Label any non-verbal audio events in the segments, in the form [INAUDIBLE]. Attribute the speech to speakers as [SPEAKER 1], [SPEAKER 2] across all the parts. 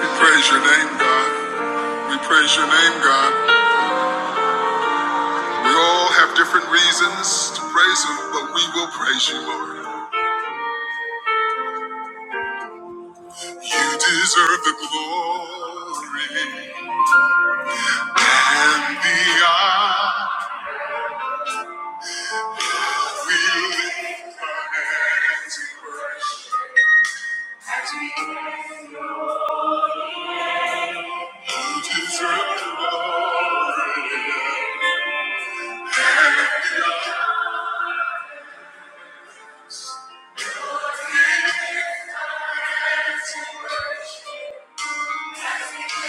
[SPEAKER 1] We praise your name, God. We praise your name, God. We all have different reasons to praise him, but we will praise you, Lord. You deserve the glory and the honor. You deserve the glory. You deserve the glory.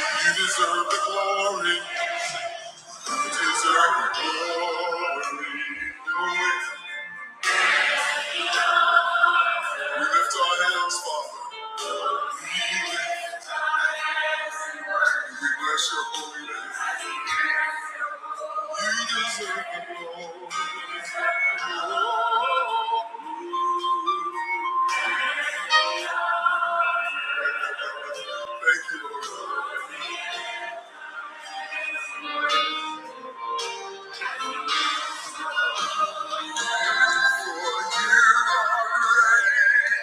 [SPEAKER 1] You deserve the glory. We lift our hands, Father. We lift our hands in worship. We bless your holy name. You deserve the glory. You deserve the glory. Thank you, Lord. For you are great.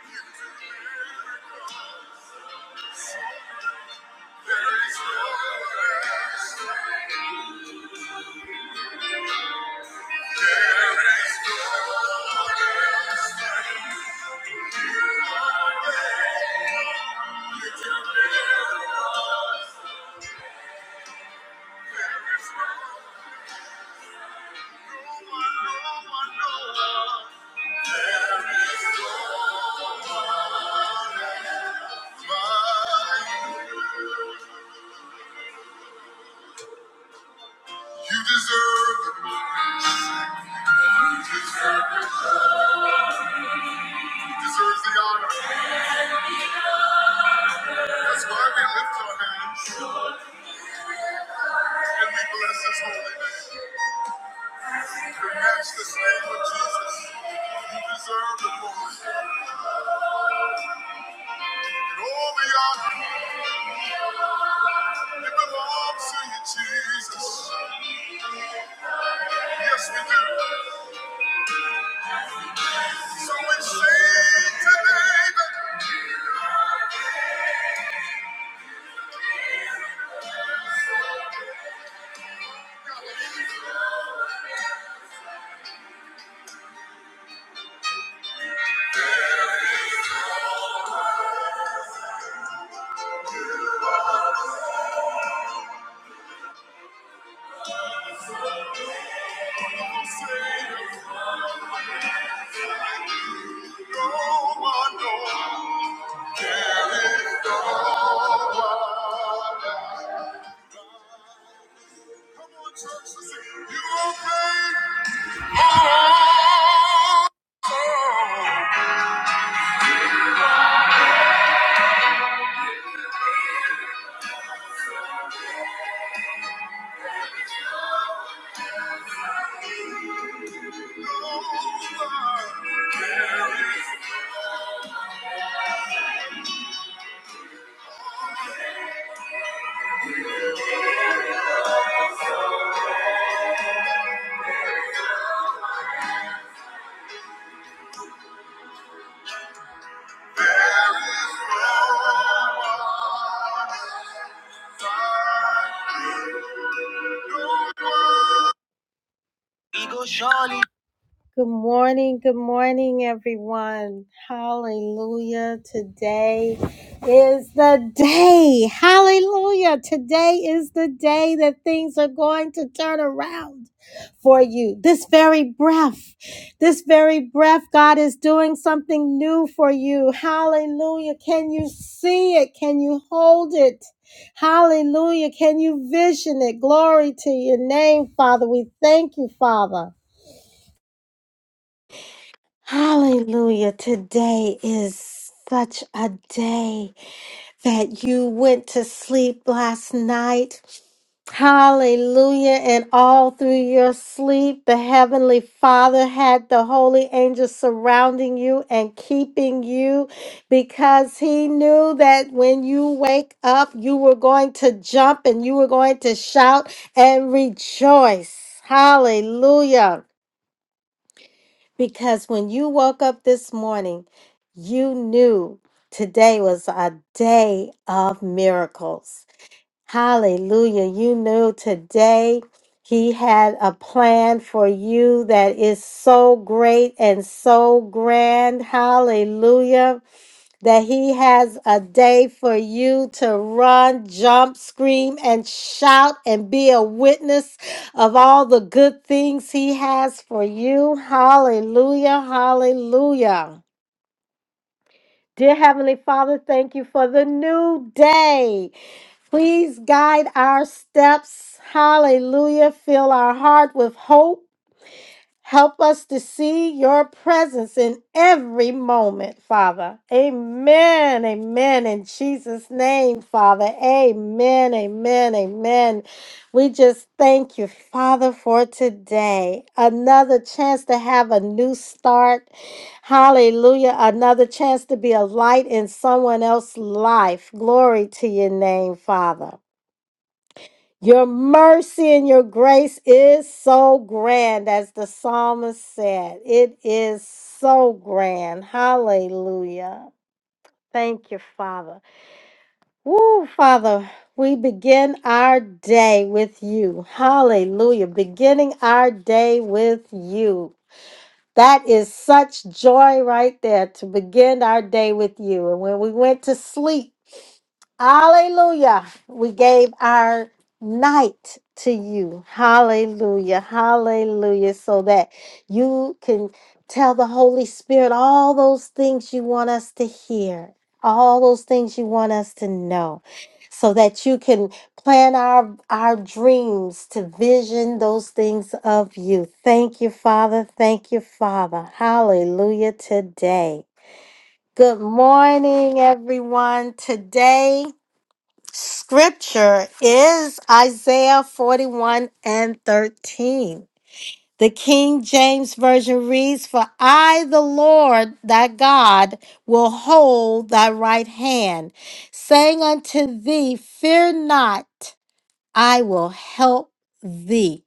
[SPEAKER 1] There is no one. There is no no no one one one You deserve the glory. He deserves the honor. That's why we lift our hands and we bless his holy name. To match this name of Jesus, you deserve the glory. And all the honor, it belongs to you, Jesus. Yes, we do. So we sing today that Oh, Good morning, good morning, everyone. Hallelujah. Today is the day. Hallelujah. Today is the day that things are going to turn around for you. This very breath, this very breath, God is doing something new for you. Hallelujah. Can you see it? Can you hold it? Hallelujah. Can you vision it? Glory to your name, Father. We thank you, Father. Hallelujah. Today is such a day that you went to sleep last night. Hallelujah. And all through your sleep, the Heavenly Father had the holy angels surrounding you and keeping you because He knew that when you wake up, you were going to jump and you were going to shout and rejoice. Hallelujah. Because when you woke up this morning, you knew today was a day of miracles. Hallelujah. You knew today he had a plan for you that is so great and so grand. Hallelujah that he has a day for you to run, jump, scream, and shout and be a witness of all the good things he has for you. Hallelujah, hallelujah. Dear Heavenly Father, thank you for the new day. Please guide our steps. Hallelujah. Fill our heart with hope Help us to see your presence in every moment, Father. Amen. Amen. In Jesus' name, Father. Amen. Amen. Amen. We just thank you, Father, for today. Another chance to have a new start. Hallelujah. Another chance to be a light in someone else's life. Glory to your name, Father. Your mercy and your grace is so grand, as the psalmist said. It is so grand. Hallelujah. Thank you, Father. Woo, Father, we begin our day with you. Hallelujah. Beginning our day with you. That is such joy right there to begin our day with you. And when we went to sleep, hallelujah, we gave our night to you. Hallelujah, hallelujah, so that you can tell the Holy Spirit all those things you want us to hear, all those things you want us to know, so that you can. Plan our, our dreams to vision those things of you. Thank you, Father. Thank you, Father. Hallelujah today. Good morning, everyone. Today, scripture is Isaiah 41 and 13. The King James Version reads, For I, the Lord thy God, will hold thy right hand, saying unto thee, Fear not. I will help thee.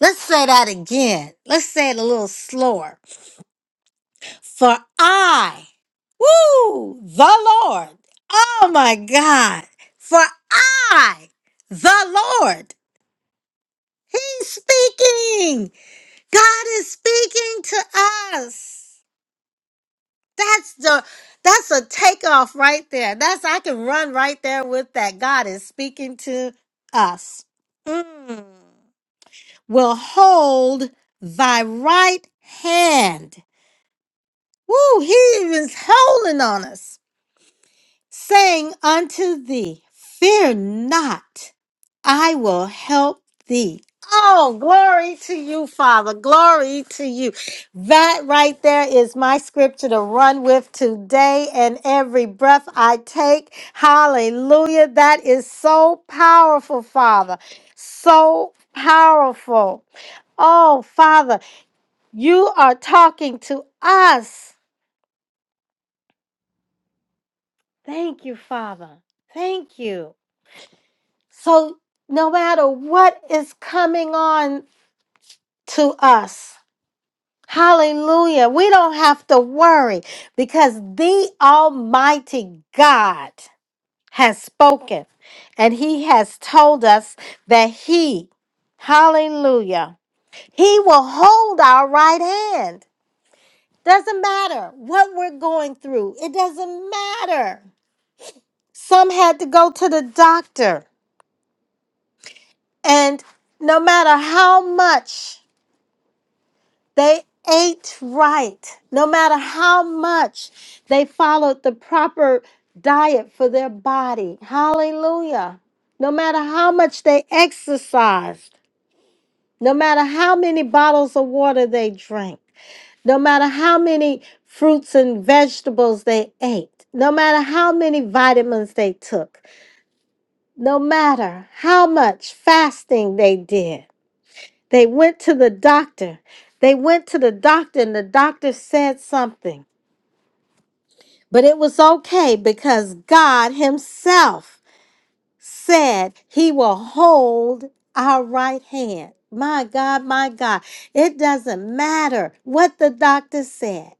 [SPEAKER 1] Let's say that again. Let's say it a little slower. For I, woo, the Lord. Oh my God. For I, the Lord. He's speaking. God is speaking to us. That's the that's a takeoff right there. That's I can run right there with that. God is speaking to us. Mm. will hold thy right hand. Woo, he is holding on us, saying unto thee, Fear not, I will help thee. Oh, glory to you, Father. Glory to you. That right there is my scripture to run with today and every breath I take. Hallelujah. That is so powerful, Father. So powerful. Oh, Father. You are talking to us. Thank you, Father. Thank you. So, no matter what is coming on to us, hallelujah, we don't have to worry because the Almighty God has spoken and He has told us that He, hallelujah, He will hold our right hand. Doesn't matter what we're going through, it doesn't matter. Some had to go to the doctor. And no matter how much they ate right, no matter how much they followed the proper diet for their body, hallelujah. No matter how much they exercised, no matter how many bottles of water they drank, no matter how many fruits and vegetables they ate, no matter how many vitamins they took, no matter how much fasting they did. They went to the doctor. They went to the doctor, and the doctor said something. But it was okay because God Himself said He will hold our right hand. My God, my God. It doesn't matter what the doctor said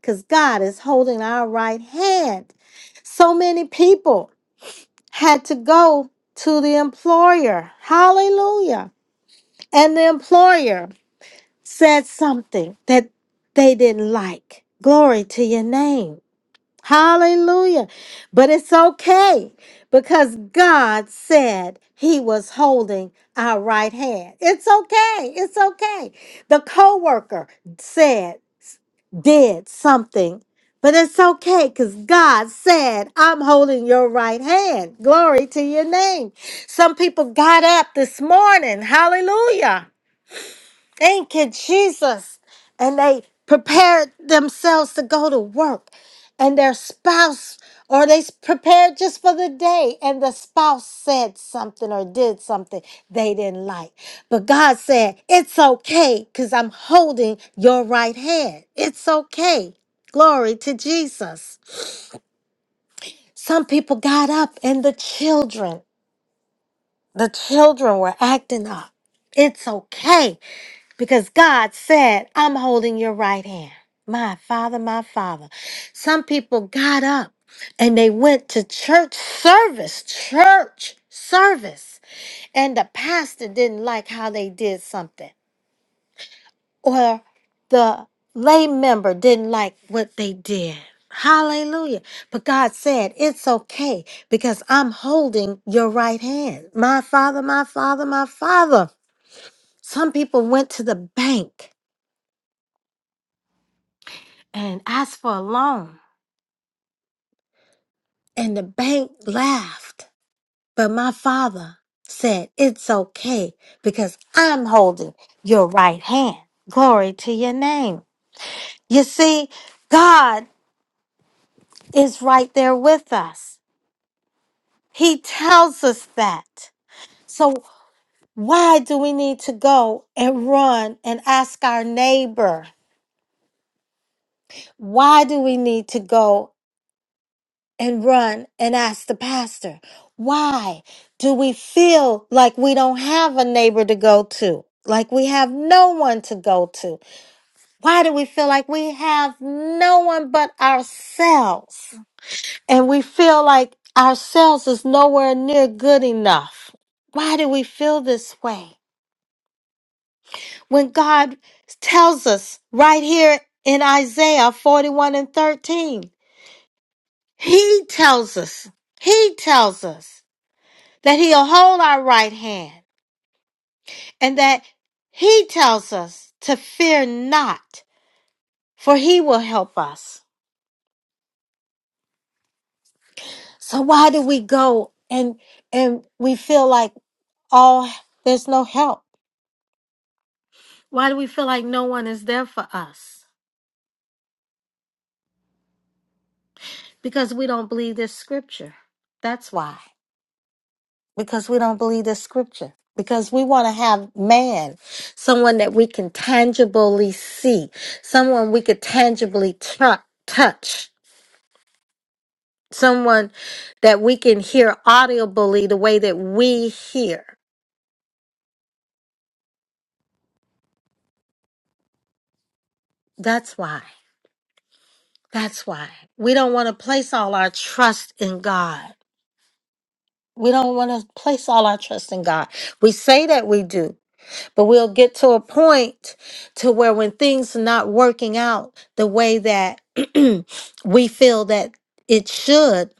[SPEAKER 1] because God is holding our right hand. So many people had to go to the employer. Hallelujah and the employer said something that they didn't like. Glory to your name. Hallelujah. But it's okay because God said he was holding our right hand. It's okay. It's okay. The coworker said did something, but it's okay cuz God said, "I'm holding your right hand." Glory to your name. Some people got up this morning. Hallelujah Thank you, Jesus. And they prepared themselves to go to work, and their spouse, or they s- prepared just for the day, and the spouse said something or did something they didn't like. But God said, It's okay because I'm holding your right hand. It's okay. Glory to Jesus. Some people got up, and the children. The children were acting up. It's okay because God said, I'm holding your right hand. My father, my father. Some people got up and they went to church service, church service. And the pastor didn't like how they did something or the lay member didn't like what they did. Hallelujah. But God said, It's okay because I'm holding your right hand. My father, my father, my father. Some people went to the bank and asked for a loan, and the bank laughed. But my father said, It's okay because I'm holding your right hand. Glory to your name. You see, God is right there with us. He tells us that. So, why do we need to go and run and ask our neighbor? Why do we need to go and run and ask the pastor? Why do we feel like we don't have a neighbor to go to? Like we have no one to go to? Why do we feel like we have no one but ourselves? And we feel like ourselves is nowhere near good enough. Why do we feel this way? when God tells us right here in Isaiah 41 and 13. He tells us, He tells us that He'll hold our right hand and that He tells us to fear not, for He will help us. So why do we go and and we feel like all there's no help? Why do we feel like no one is there for us? Because we don't believe this scripture. That's why. because we don't believe the scripture. Because we want to have man, someone that we can tangibly see, someone we could tangibly tu- touch, someone that we can hear audibly the way that we hear. That's why. That's why. We don't want to place all our trust in God. We don't want to place all our trust in God. We say that we do, But we'll get to a point to where when things are not working out the way that [CLEARS THROAT] we feel that it should,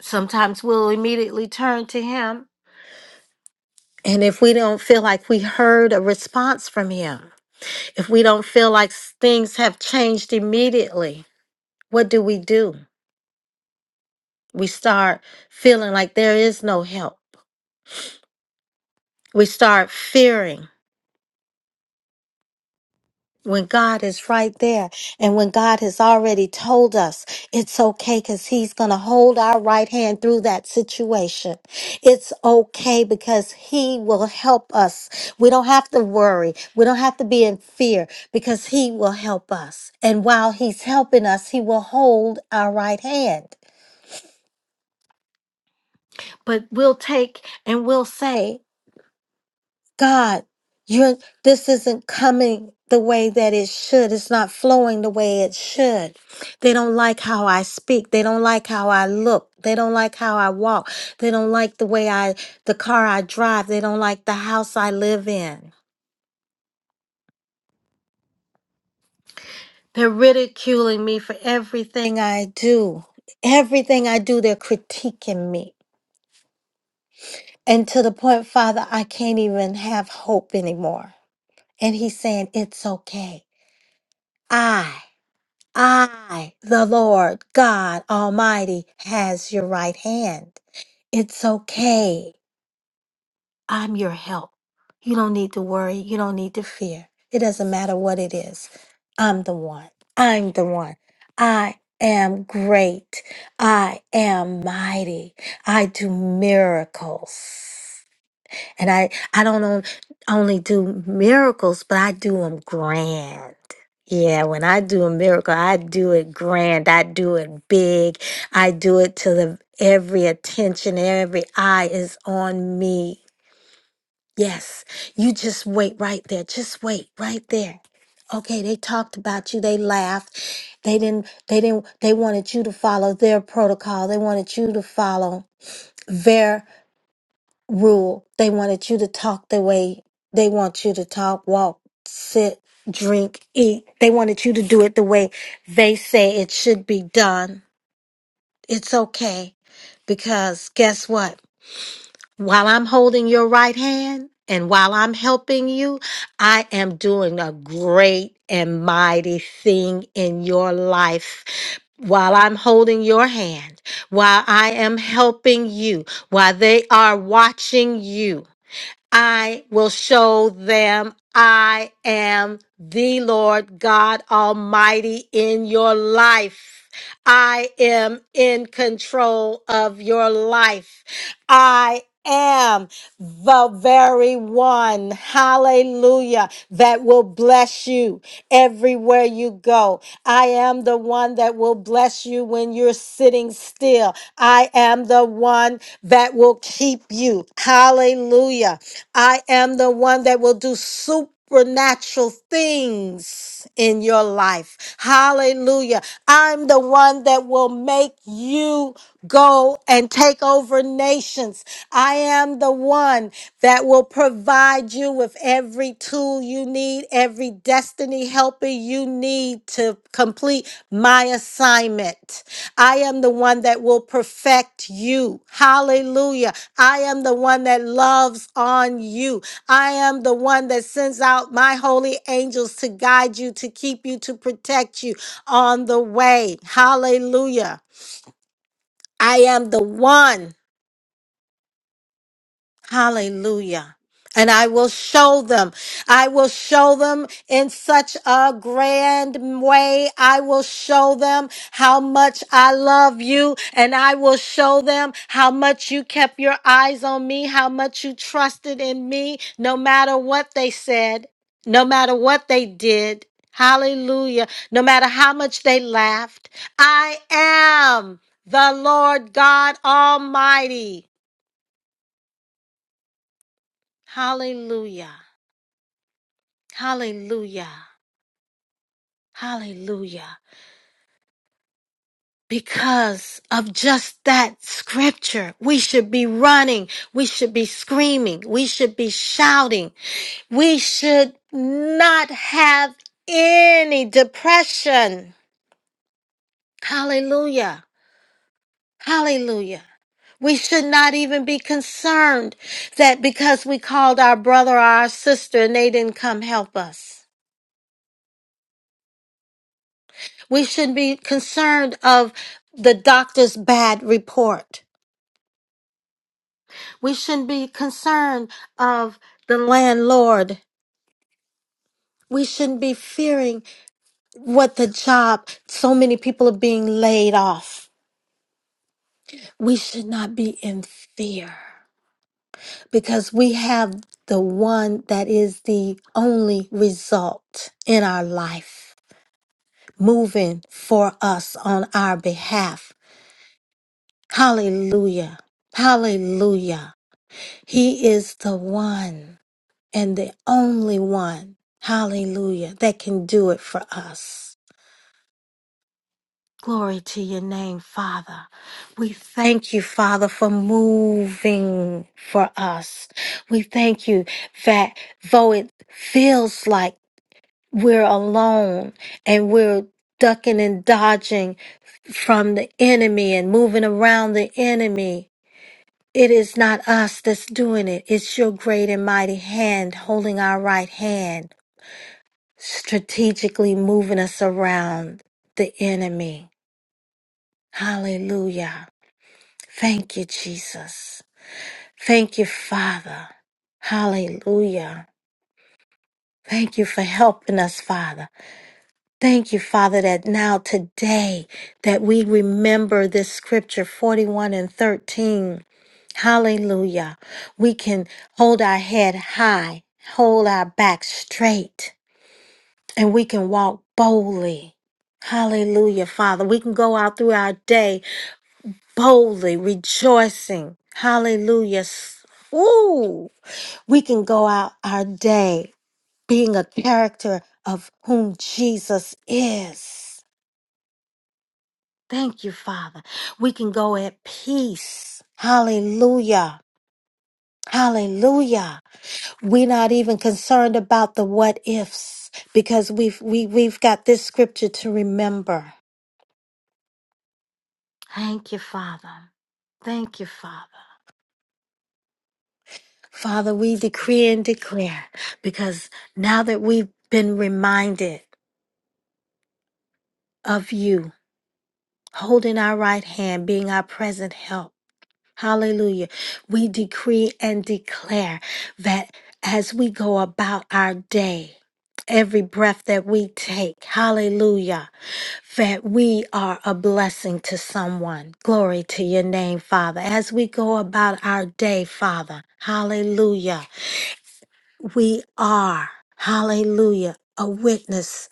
[SPEAKER 1] sometimes we'll immediately turn to him. And if we don't feel like we heard a response from him, if we don't feel like s- things have changed immediately, what do we do? We start feeling like there is no help. We start fearing. when God is right there and when God has already told us it's okay because He's going to hold our right hand through that situation. It's okay because He will help us. We don't have to worry. We don't have to be in fear because He will help us. And while He's helping us, He will hold our right hand. But we'll take and we'll say, God, you're, this isn't coming the way that it should. It's not flowing the way it should. They don't like how I speak. They don't like how I look. They don't like how I walk. They don't like the way I, the car I drive. They don't like the house I live in. They're ridiculing me for everything I do. Everything I do, they're critiquing me. And to the point, Father, I can't even have hope anymore. And He's saying, It's okay. I I, the Lord God Almighty, has your right hand. It's okay. I'm your help. You don't need to worry. You don't need to fear. It doesn't matter what it is. I'm the one. I'm the one. I am great. I am mighty. I do miracles. And I, I don't on- only do miracles, but I do them grand. Yeah, when I do a miracle, I do it grand. I do it big. I do it till the every attention, every eye is on me. Yes, you just wait right there. Just wait right there. Okay, they talked about you. They laughed. They didn't. They didn't. They wanted you to follow their protocol. They wanted you to follow their rule. They wanted you to talk the way they want you to talk, walk, sit, drink, eat. They wanted you to do it the way they say it should be done. It's okay because guess what? While I'm holding your right hand and while I'm helping you, I am doing a great and mighty thing in your life. While I'm holding your hand, while I am helping you, while they are watching you, I will show them I am the Lord God Almighty in your life. I am in control of your life. I am the very one, hallelujah, that will bless you everywhere you go. I am the one that will bless bless you when you're sitting still. I am the one that will keep you. Hallelujah. I am the one that will do supernatural things in your life. Hallelujah. I'm the one that will make you go and take over nations. I am the one that will provide you with every tool you need, every destiny helper you need to complete my assignment. I am the one that will perfect you. Hallelujah. I am the one that loves on you. I am the one that sends out my holy angels to guide you, to keep you, to protect you on the way. Hallelujah. I am the one. Hallelujah. And I will show them. I will show them in such a grand way. I will show them how much I love you. And I will show them how much you kept your eyes on me, how much you trusted in me, no matter what they said, no matter what they did. Hallelujah. No matter how much they laughed, I am the Lord God Almighty. Hallelujah. Hallelujah. Hallelujah. Because of just that scripture, we should be running. We should be screaming. We should be shouting. We should not have any depression. Hallelujah. Hallelujah. We should not even be concerned that because we called our brother or our sister and they didn't come help us. We shouldn't be concerned of the doctor's bad report. We shouldn't be concerned of the landlord. We shouldn't be fearing what the job, so many people are being laid off. We should not be in fear because we have the one that is the only result in our life moving for us on our behalf. Hallelujah. Hallelujah. He is the one and the only one, hallelujah, that can do it for us. Glory to your name, Father. We thank you, Father, for moving for us. We thank you that though it feels like we're alone and we're ducking and dodging from the enemy and moving around the enemy, It is not us that's doing it. It's your great and mighty hand holding our right hand, strategically moving us around the enemy. Hallelujah. Thank you, Jesus. Thank you, Father. Hallelujah. Thank you for helping us, Father. Thank you, Father, that now today that we remember this scripture 41 and 13. Hallelujah. We can hold our head high, hold our back straight, and we can walk boldly. Hallelujah, Father. We can go out through our day boldly, rejoicing. Hallelujah. S- Ooh. We can go out our day being a character of whom Jesus is. Thank you, Father. We can go at peace. Hallelujah. Hallelujah. We're not even concerned about the what ifs because we've we, we've got this scripture to remember. Thank you, Father. Thank you, Father. Father, we decree and declare because now that we've been reminded of you holding our right hand, being our present help. Hallelujah. We decree and declare that as we go about our day, every breath that we take, hallelujah, that we are a blessing to someone. Glory to your name, Father. As we go about our day, Father, hallelujah. We are, hallelujah, a witness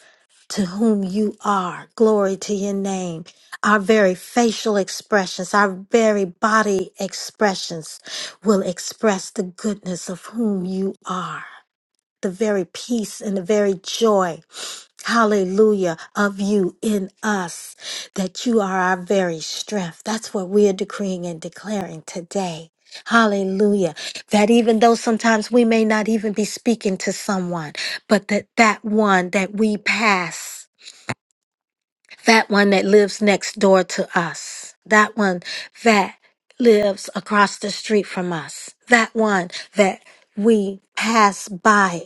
[SPEAKER 1] to whom you are. Glory to your name. Our very facial expressions, our very body expressions will express the goodness of whom you are, the very peace and the very joy. Hallelujah, of you in us, that you are our very strength. That's what we're decreeing and declaring today. Hallelujah. That even though sometimes we may not even be speaking to someone, but that that one that we pass, that one that lives next door to us, that one that lives across the street from us, that one that we pass by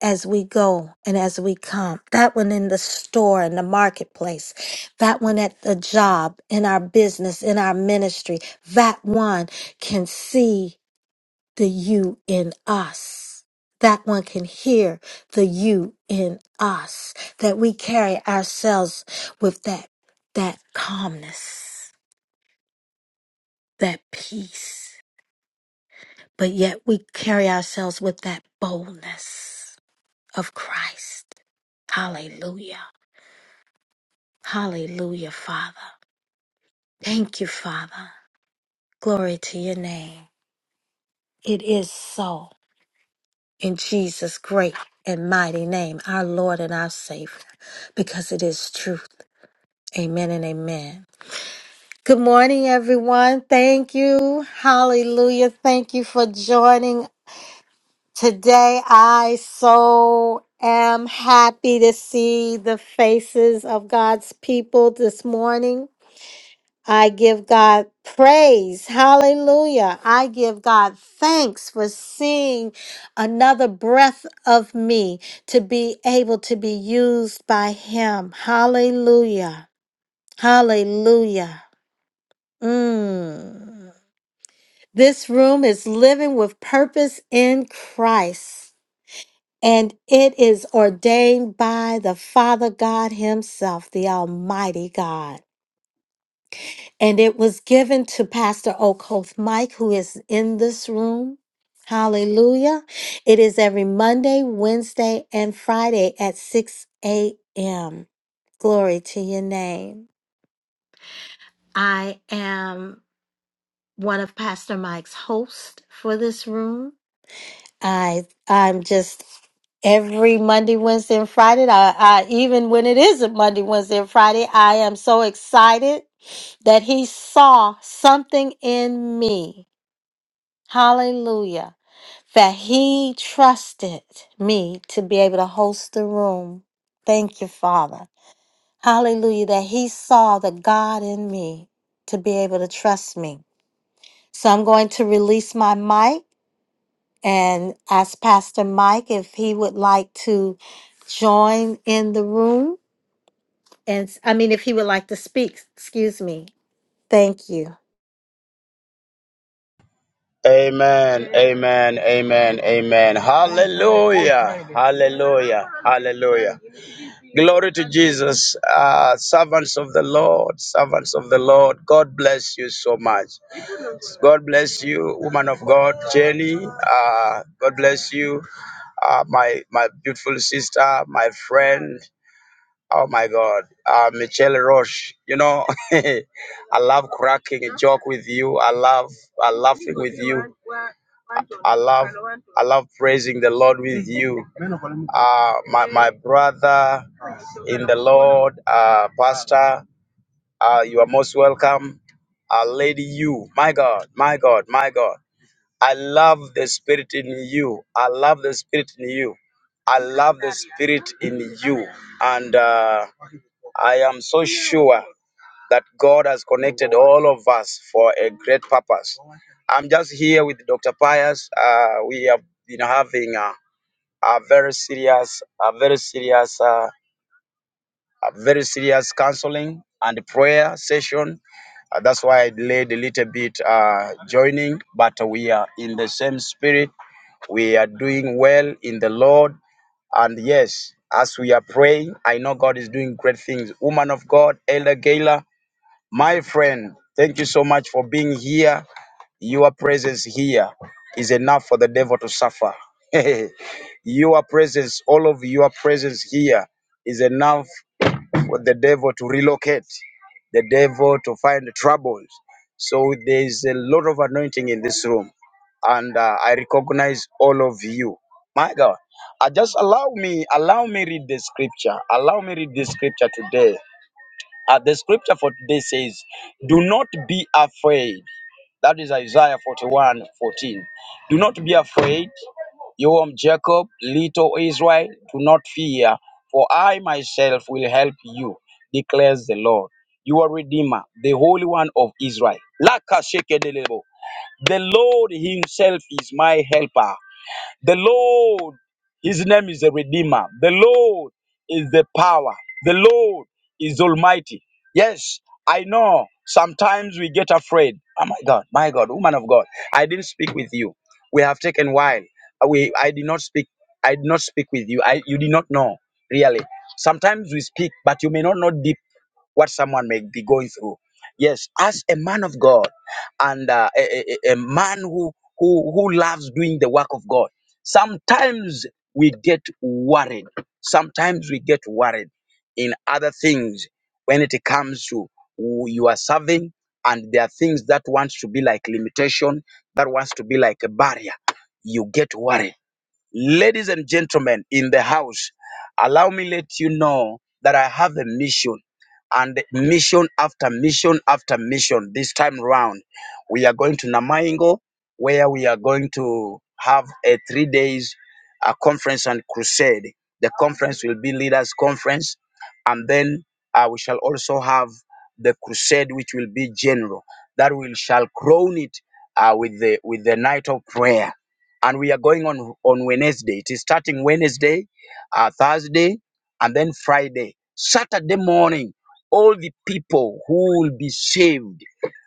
[SPEAKER 1] as we go and as we come. That one in the store, in the marketplace. That one at the job, in our business, in our ministry. That one can see the you in us. That one can hear the you in us. That we carry ourselves with that, that calmness, that peace. But yet we carry ourselves with that boldness of Christ. Hallelujah. Hallelujah, Father. Thank you, Father. Glory to your name. It is so. In Jesus' great and mighty name, our Lord and our Savior, because it is truth. Amen and amen. Good morning, everyone. Thank you. Hallelujah. Thank you for joining today. I so am happy to see the faces of God's people this morning. I give God praise. Hallelujah. I give God thanks for seeing another breath of me to be able to be used by Him. Hallelujah. Hallelujah. Mm. This room is living with purpose in Christ, and it is ordained by the Father God Himself, the Almighty God. And it was given to Pastor Okoth Mike, who is in this room. Hallelujah. It is every Monday, Wednesday, and Friday at 6 a.m. Glory to your name. I am one of Pastor Mike's hosts for this room. I I'm just every Monday, Wednesday, and Friday. I, I even when it isn't Monday, Wednesday, and Friday, I am so excited that he saw something in me Hallelujah. That he trusted me to be able to host the room. Thank you, Father. Hallelujah. That he saw the God in me to be able to trust me. So I'm going to release my mic and ask Pastor Mike if he would like to join in the room. And I mean, if he would like to speak, excuse me. Thank you.
[SPEAKER 2] Amen, amen, amen, amen. Hallelujah, hallelujah, hallelujah. Glory to Jesus, uh, servants of the Lord, servants of the Lord. God bless you so much. God bless you, woman of God, Jenny. Uh, God bless you, uh, my my beautiful sister, my friend. Oh my God, uh, Michelle Roche. You know, [LAUGHS] I love cracking a joke with you. I love, I laughing with you. I I love, I love praising the Lord with you. Uh, my my brother in the Lord, uh, Pastor. Uh, you are most welcome. Uh, Lady, you, my God, my God, my God. I love the spirit in you. I love the spirit in you. I love the spirit in you. And uh, I am so sure that God has connected all of us for a great purpose. I'm just here with Dr. Pius. Uh, we have been having a, a very serious, a very serious, uh, a very serious counseling and prayer session. Uh, that's why I delayed a little bit uh, joining, but we are in the same spirit. We are doing well in the Lord. And yes, as we are praying, I know God is doing great things. Woman of God, Elder Gala, my friend, thank you so much for being here. Your presence here is enough for the devil to suffer. [LAUGHS] your presence, all of your presence here is enough for the devil to relocate, the devil to find troubles. So there is a lot of anointing in this room, and uh, I recognize all of you. My God, uh, just allow me, allow me read the scripture. Allow me read the scripture today uh, the scripture for today says, Do not be afraid. That is Isaiah 41 14. Do not be afraid, you, um, Jacob, little Israel. Do not fear, for I myself will help you, declares the Lord, your Redeemer, the Holy One of Israel. Laka sheke delebo. The Lord Himself is my helper. The Lord, His name is a Redeemer. The Lord is the power. The Lord is Almighty. Yes, I know sometimes we get afraid. Oh my God, my God, woman of God, I didn't speak with you. We have taken while. We, I did not speak. I did not speak with you. I, you did not know, really. Sometimes we speak, but you may not know deep what someone may be going through. Yes, as a man of God and uh, a, a, a a man who, who, who loves doing the work of God, sometimes we get worried. Sometimes we get worried in other things when it comes to who you are serving and there are things that wants to be like limitation, that wants to be like a barrier. You get worried Ladies and gentlemen in the house, allow me let you know that I have a mission and mission after mission after mission this time round. We are going to Namaingo where we are going to have a three days a conference and crusade. The conference will be leaders conference and then uh, we shall also have the crusade which will be general that will shall crown it uh, with the with the night of prayer and we are going on on Wednesday. It is starting Wednesday, uh, Thursday, and then Friday. Saturday morning, all the people who will be saved.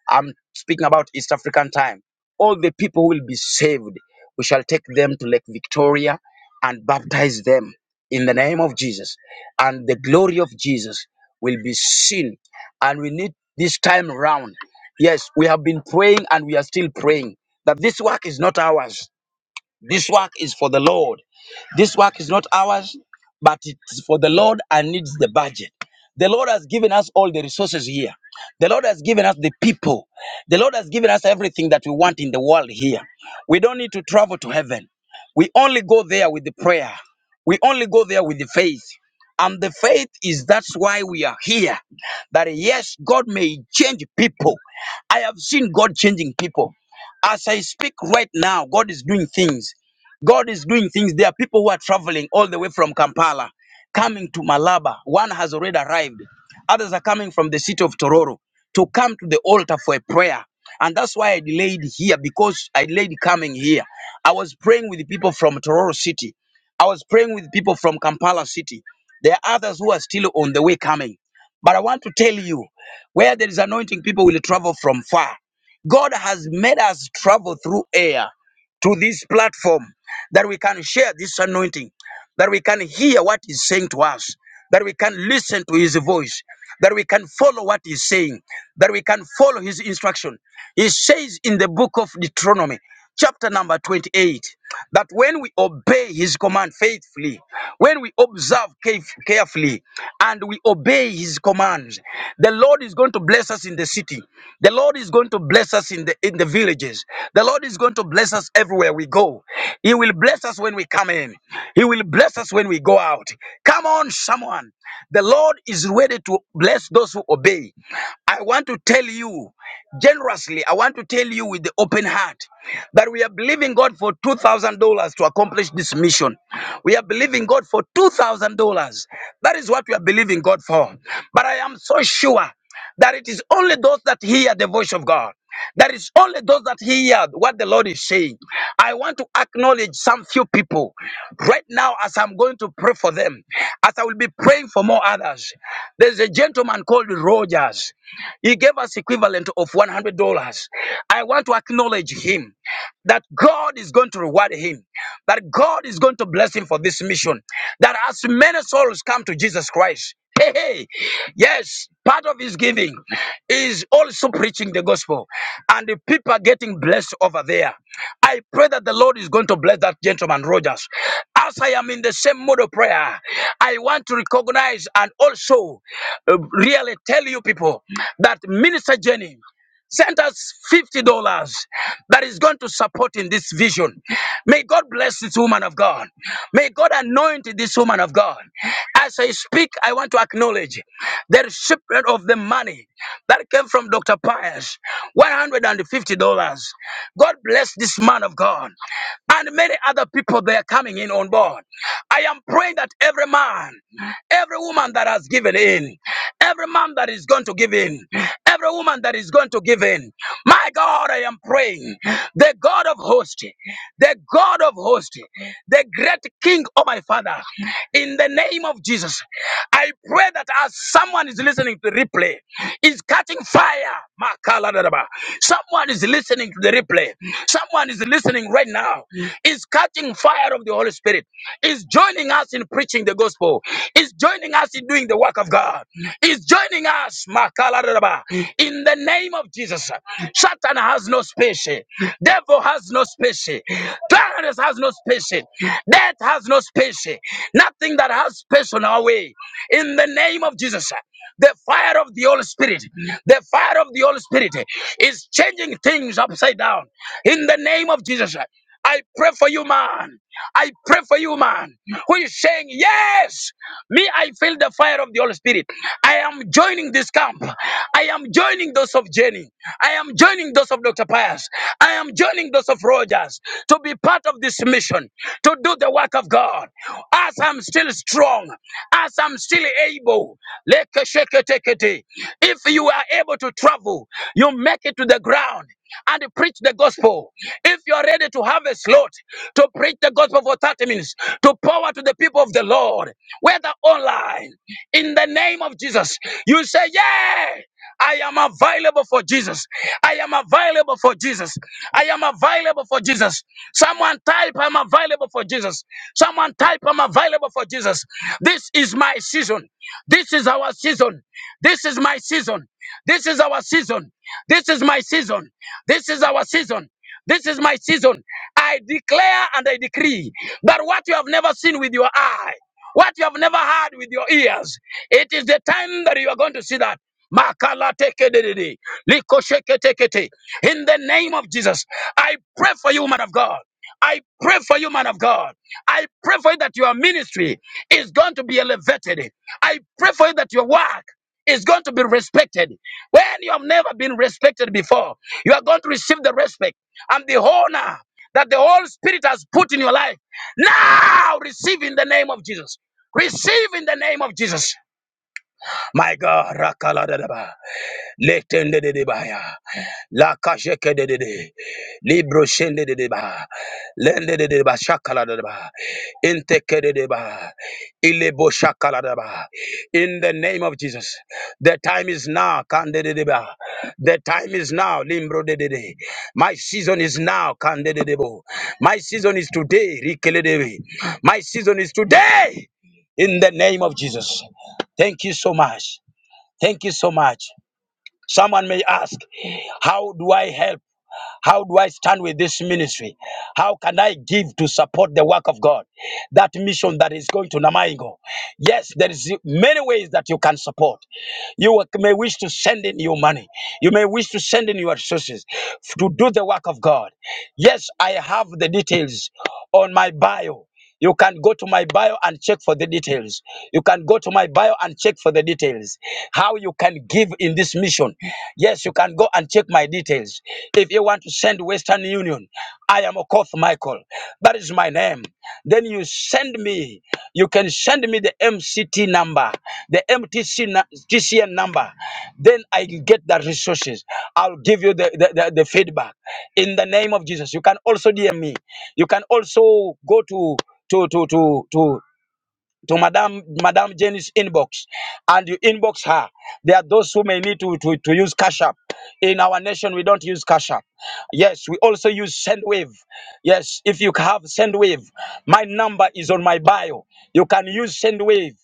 [SPEAKER 2] I'm speaking about East African time. All the people who will be saved, we shall take them to Lake Victoria and baptize them in the name of Jesus. And the glory of Jesus will be seen. And we need this time round. Yes, we have been praying and we are still praying that this work is not ours this work is for the Lord. This work is not ours, but it's for the Lord and needs the budget. The Lord has given us all the resources here. The Lord has given us the people. The Lord has given us everything that we want in the world here. We don't need to travel to heaven. We only go there with the prayer. We only go there with the faith. And the faith is that's why we are here. That yes, God may change people. I have seen God changing people. As I speak right now, God is doing things. God is doing things. There are people who are traveling all the way from Kampala, coming to Malaba. One has already arrived. Others are coming from the city of Tororo to come to the altar for a prayer. And that's why I delayed here because I delayed coming here. I was praying with the people from Tororo City. I was praying with people from Kampala City. There are others who are still on the way coming. But I want to tell you where there is anointing, people will travel from far. God has made us travel through air to this platform that we can share this anointing, that we can hear what He's saying to us, that we can listen to His voice that we can follow what he's saying, that we can follow his instruction. He says in the book of Deuteronomy, chapter number 28, that when we obey his command faithfully, when we observe caref- carefully, and we obey his commands, the Lord is going to bless us in the city. The Lord is going to bless us in the in the villages. The Lord is going to bless us everywhere we go. He will bless us when we come in. He will bless us when we go out. Come on, someone. The Lord is ready to bless those who obey. I want to tell you generously, I want to tell you with the open heart that we are believing God for $2,000 to accomplish this mission. We are believing God for $2,000. That is what we are believing God for. But I am so sure that it is only those that hear the voice of God. That is only those that hear what the Lord is saying. I want to acknowledge some few people right now as I'm going to pray for them, as I will be praying for more others. There's a gentleman called Rogers. He gave us equivalent of $100. I want to acknowledge him that God is going to reward him, that God is going to bless him for this mission, that as many souls come to Jesus Christ, hey, hey, yes, part of his giving is also preaching the gospel, and the people are getting blessed over there. I pray that the Lord is going to bless that gentleman, Rogers. As I am in the same mode of prayer, I want to recognize and also uh, really tell you people that Minister Jenny. Send us $50 that is going to support in this vision. May God bless this woman of God. May God anoint this woman of God. As I speak, I want to acknowledge the recipient of the money that came from Dr. Pius $150. God bless this man of God and many other people they are coming in on board. I am praying that every man, every woman that has given in, every man that is going to give in, every woman that is going to give in. My God, I am praying. The God of hosts, the God of hosts, the great King, oh my Father, in the name of Jesus, I pray that as someone is listening to the replay, is catching fire. Makaladadaba. Someone is listening to the replay. Someone is listening right now. Is catching fire of the Holy Spirit. Is joining us in preaching the gospel. Is joining joining us in doing the work of God. He's joining us, Makalaraba, in the name of Jesus. Satan has no space. Devil has no space. Darkness has no space. Death has no space. Nothing that has space on our way. In the name of Jesus. The fire of the Holy Spirit, the fire of the Holy Spirit is changing things upside down. In the name of Jesus. I pray for you, man. I pray for you, man, who is saying, Yes, me, I feel the fire of the Holy Spirit. I am joining this camp. I am joining those of Jenny. I am joining those of Dr. Pius. I am joining those of Rogers to be part of this mission, to do the work of God. As I'm still strong, as I'm still able, lekesheketekete. if you are able to travel, you make it to the ground and preach the gospel. If you are ready to have a slot to preach the gospel for 30 minutes, to power to the people of the Lord, whether online, in the name of Jesus, you say, Yeah, I am available for Jesus. I am available for Jesus. I am available for Jesus. Someone type, I'm available for Jesus. Someone type, I'm available for Jesus. This is my season. This is our season. This is my season. This is our season. This is my season. This is our season. This is my season. I declare and I decree that what you have never seen with your eye, what you have never heard with your ears, it is the time that you are going to see that. Makala teke dedede, liko sheke teke In the name of Jesus, I pray for you, man of God. I pray for you, man of God. I pray for you that your ministry is going to be elevated. I pray for you that your work is going to be respected when you have never been respected before. You are going to receive the respect and the honor that the Holy Spirit has put in your life. Now receive in the name of Jesus. Receive in the name of Jesus. My God, Rakala Rakaladadaba, Letendedebaya. La kasheke de de de. Libro shende de de ba. Lende de de ba shakala de de ba. Inteke de de ba. Ilebo shakala de ba. In the name of Jesus. The time is now. Kande de de ba. The time is now. Limbro de de de. My season is now. Kande de de bo. My season is today. Rikele de de. My season is today. In the name of Jesus. Thank you so much. Thank you so much. Someone may ask, How do I help? How do I stand with this ministry? How can I give to support the work of God? That mission that is going to Namaingo. Yes, there is many ways that you can support. You may wish to send in your money. You may wish to send in your resources to do the work of God. Yes, I have the details on my bio. You can go to my bio and check for the details. You can go to my bio and check for the details. How you can give in this mission. Yes, you can go and check my details. If you want to send Western Union, I am Okoth Michael. That is my name. Then you send me you can send me the MCT number, the MTC nu- TCN number. Then I will get the resources. I'll give you the, the, the, the feedback in the name of Jesus. You can also DM me. You can also go to to to to to to Madam Madam Jenny's inbox and you inbox her. There are those who may need to, to, to use Cash App. In our nation, we don't use Cash App. Yes, we also use SendWave. Yes, if you have SendWave, my number is on my bio. You can use SendWave.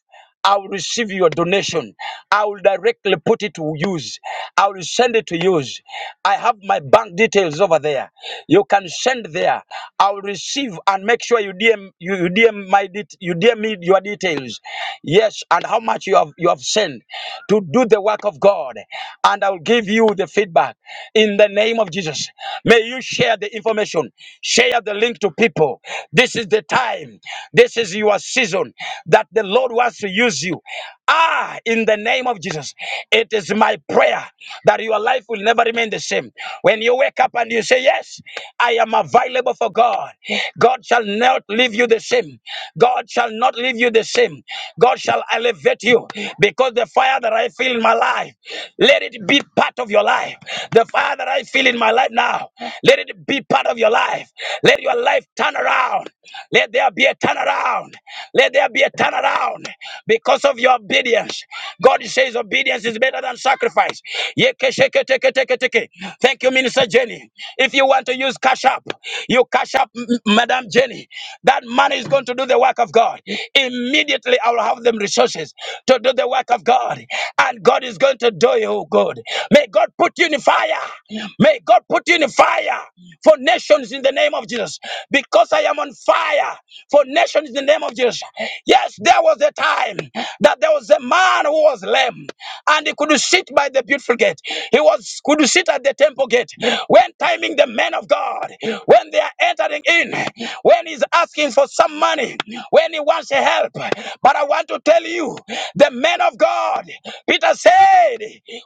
[SPEAKER 2] I will receive your donation. I will directly put it to use. I will send it to use. I have my bank details over there. You can send there. I will receive and make sure you DM you, you DM my det- you DM me your details. Yes, and how much you have you have sent to do the work of God. And I will give you the feedback in the name of Jesus. May you share the information. Share the link to people. This is the time season. This is your season that the Lord wants to use you. Ah, in the name of Jesus, it is my prayer that your life will never remain the same. When you wake up and you say, Yes, I am available for God, God shall not leave you the same. God shall not leave you the same. God shall elevate you because the fire that I feel in my life, let it be part of your life. The fire that I feel in my life now, let it be part of your life life. Let your life turn around. Let there be a turnaround. Let there be a turnaround because of your obedience. God says obedience is better than sacrifice. Yeke, sheke, teke, teke, teke. Thank you, Minister Jenny. If you want to use Cash App, you Cash App, M- M- Madam Jenny. That money is going to do the work of God. Immediately, I will have them resources to do the work of God. And God is going to do you good. May God put you in fire. May God put you in fire for nations in the name of Jesus. Because I am on fire for nations in the name of Jesus. Yes, there was a time that there was a man who was lame and he could sit by the beautiful gate. He was could sit at the temple gate when timing the men of God, when they are entering in, when he's asking for some money, when he wants help. But I want to tell you, the men of God, Peter said,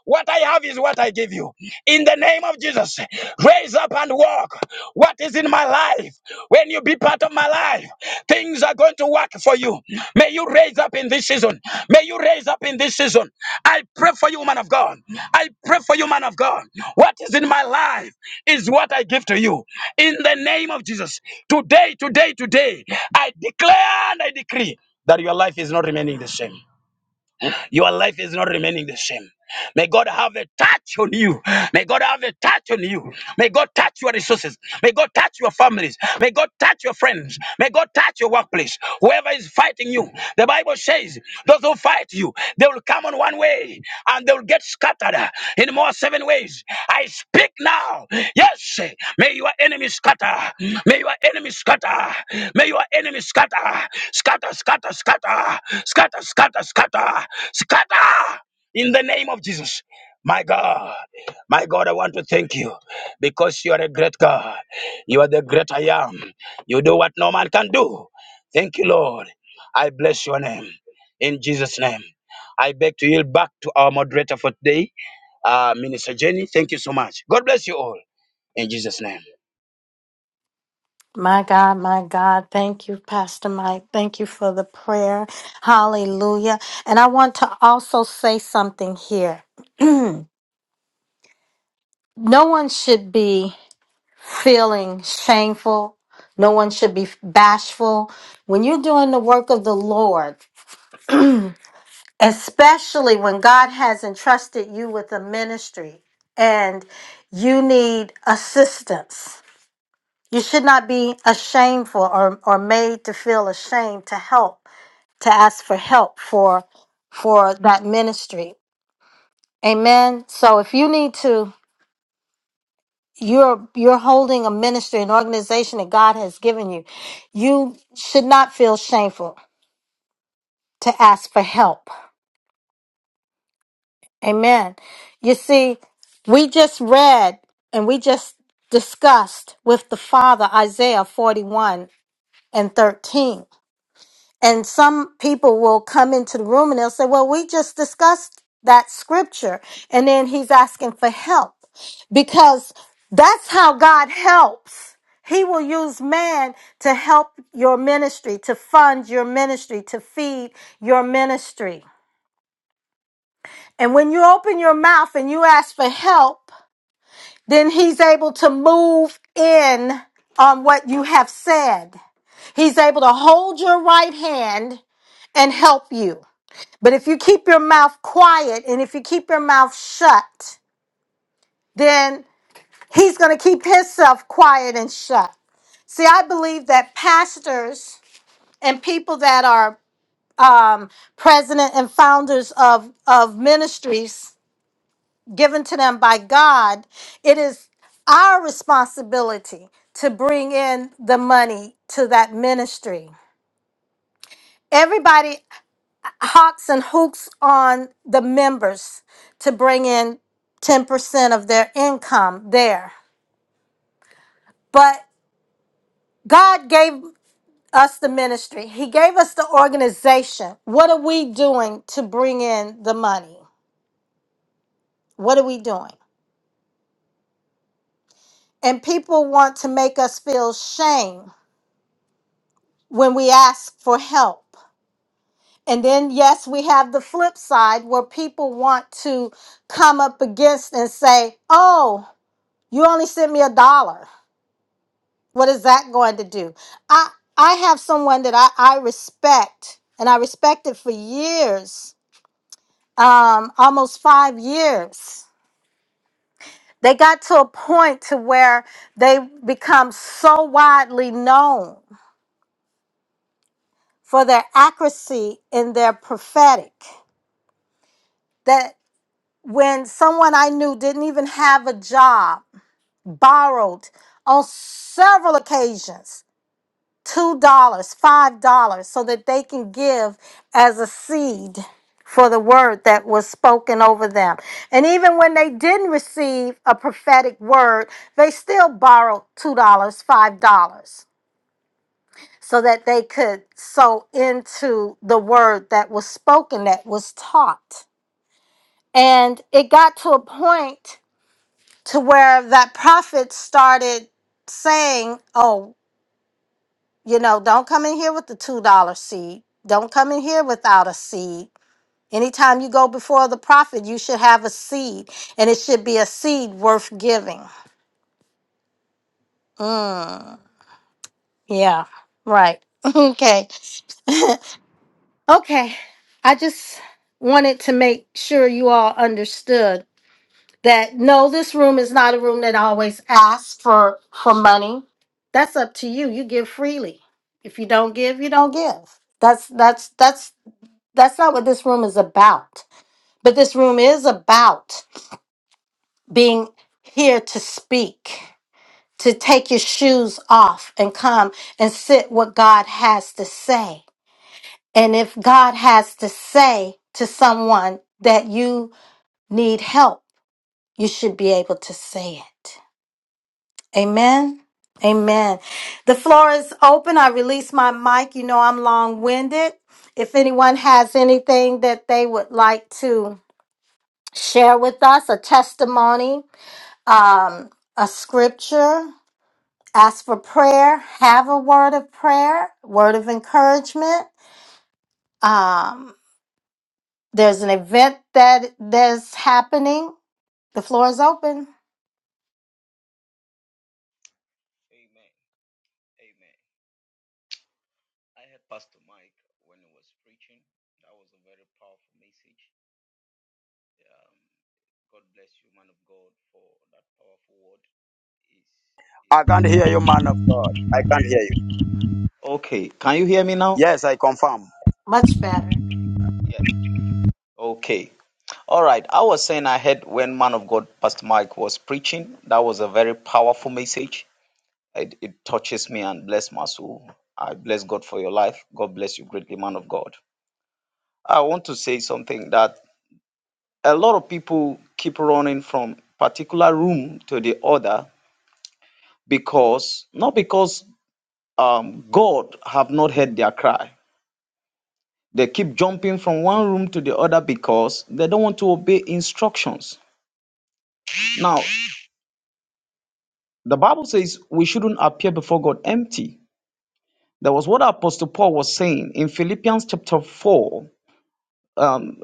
[SPEAKER 2] what I have is what I give you. In the name of Jesus, raise up and walk. What is in my life? When you be part of my life, things are going to work for you. May you raise up in this season. May you raise up in this season. I pray for you, man of God. I pray for you, man of God. What is in my life is what I give to you. In the name of Jesus, today, today, today, I declare and I decree that your life is not remaining the same. Your life is not remaining the same. May God have a touch on you. May God have a touch on you. May God touch your resources. May God touch your families. May God touch your friends. May God touch your workplace. Whoever is fighting you, the Bible says, those who fight you, they will come on one way and they will get scattered in more seven ways. I speak now. Yes, may your enemy scatter. May your enemy scatter. May your enemy scatter. Scatter, scatter, scatter. Scatter, scatter, scatter. Scatter. In the name of Jesus. My God, my God, I want to thank you because you are a great God. You are the great I am. You do what no man can do. Thank you, Lord. I bless your name. In Jesus' name. I beg to yield back to our moderator for today, uh, Minister Jenny. Thank you so much. God bless you all. In Jesus' name.
[SPEAKER 1] My God, my God, thank you, Pastor Mike. Thank you for the prayer. Hallelujah. And I want to also say something here. [CLEARS THROAT] no one should be feeling shameful. No one should be bashful. When you're doing the work of the Lord, especially when God has entrusted you with a ministry and you need assistance, you should not be ashamed for or, or made to feel ashamed to help to ask for help for for that ministry. Amen. So if you need to you're you're holding a ministry, an organization that God has given you, you should not feel shameful to ask for help. Amen. You see, we just read and we just discussed with the father Isaiah 41 and 13. and some people will come into the room and they'll say, Well, we just discussed that scripture. And then he's asking for help because that's how God helps. He will use man to help your ministry, to fund your ministry, to feed your ministry. And when you open your mouth and you ask for help, then he's able to move in on what you have said. He's able to hold your right hand and help you. But if you keep your mouth quiet and if you keep your mouth shut, then he's going to keep himself quiet and shut. See, I believe that pastors and people that are um, president and founders of, of ministries given to them by God, it is our responsibility to bring in the money to that ministry. Everybody hawks and hooks on the members to bring in 10% of their income there. But God gave us the ministry, He gave us the organization. What are we doing to bring in the money? What are we doing? And people want to make us feel shame when we ask for help. And then, yes, we have the flip side where people want to come up against and say, Oh, you only sent me a dollar. What is that going to do? I I have someone that I, I respect and I respected for years, um, almost five years. They got to a point to where they become so widely known for their accuracy in their prophetic that when someone I knew didn't even have a job, borrowed on several occasions two dollars, five dollars, so that they can give as a seed for the word that was spoken over them. And even when they didn't receive a prophetic word, they still borrowed two dollars, five dollars, so that they could sow into the word that was spoken, that was taught. And it got to a point to where that prophet started saying, "Oh." You know, don't come in here with the $2 seed. Don't come in here without a seed. Anytime you go before the prophet, you should have a seed, and it should be a seed worth giving. Mm, yeah, right. [LAUGHS] okay. [LAUGHS] okay. I just wanted to make sure you all understood that no, this room is not a room that always asks for, for money. That's up to you. You give freely. If you don't give, you don't give. That's that's that's That's not what this room is about. But this room is about being here to speak, to take your shoes off and come and sit what God has to say. And if God has to say to someone that you need help, you should be able to say it. Amen. Amen. The floor is open. I release my mic. You know I'm long winded. If anyone has anything that they would like to share with us a testimony, um, a scripture, ask for prayer, have a word of prayer, word of encouragement. Um, there's an event that that's happening. The floor is open.
[SPEAKER 3] Amen. Amen. I had Pastor Mike when he was preaching. That was a very powerful message. Um, God bless you, man of God, for that powerful word. Is
[SPEAKER 2] I
[SPEAKER 3] is
[SPEAKER 2] can't hear you, man of God. I can't hear you.
[SPEAKER 3] okay? Can you hear me now?
[SPEAKER 2] Yes, I confirm.
[SPEAKER 1] Much better.
[SPEAKER 3] Yeah. Okay. All right. I was saying I heard when man of God, Pastor Mike, was preaching. That was a very powerful message. It, it touches me and bless my soul. I bless God for your life. God bless you greatly, man of God. I want to say something that a lot of people keep running from particular room to the other because not because um, god have not heard their cry they keep jumping from one room to the other because they don't want to obey instructions now the bible says we shouldn't appear before god empty that was what apostle paul was saying in philippians chapter 4 um,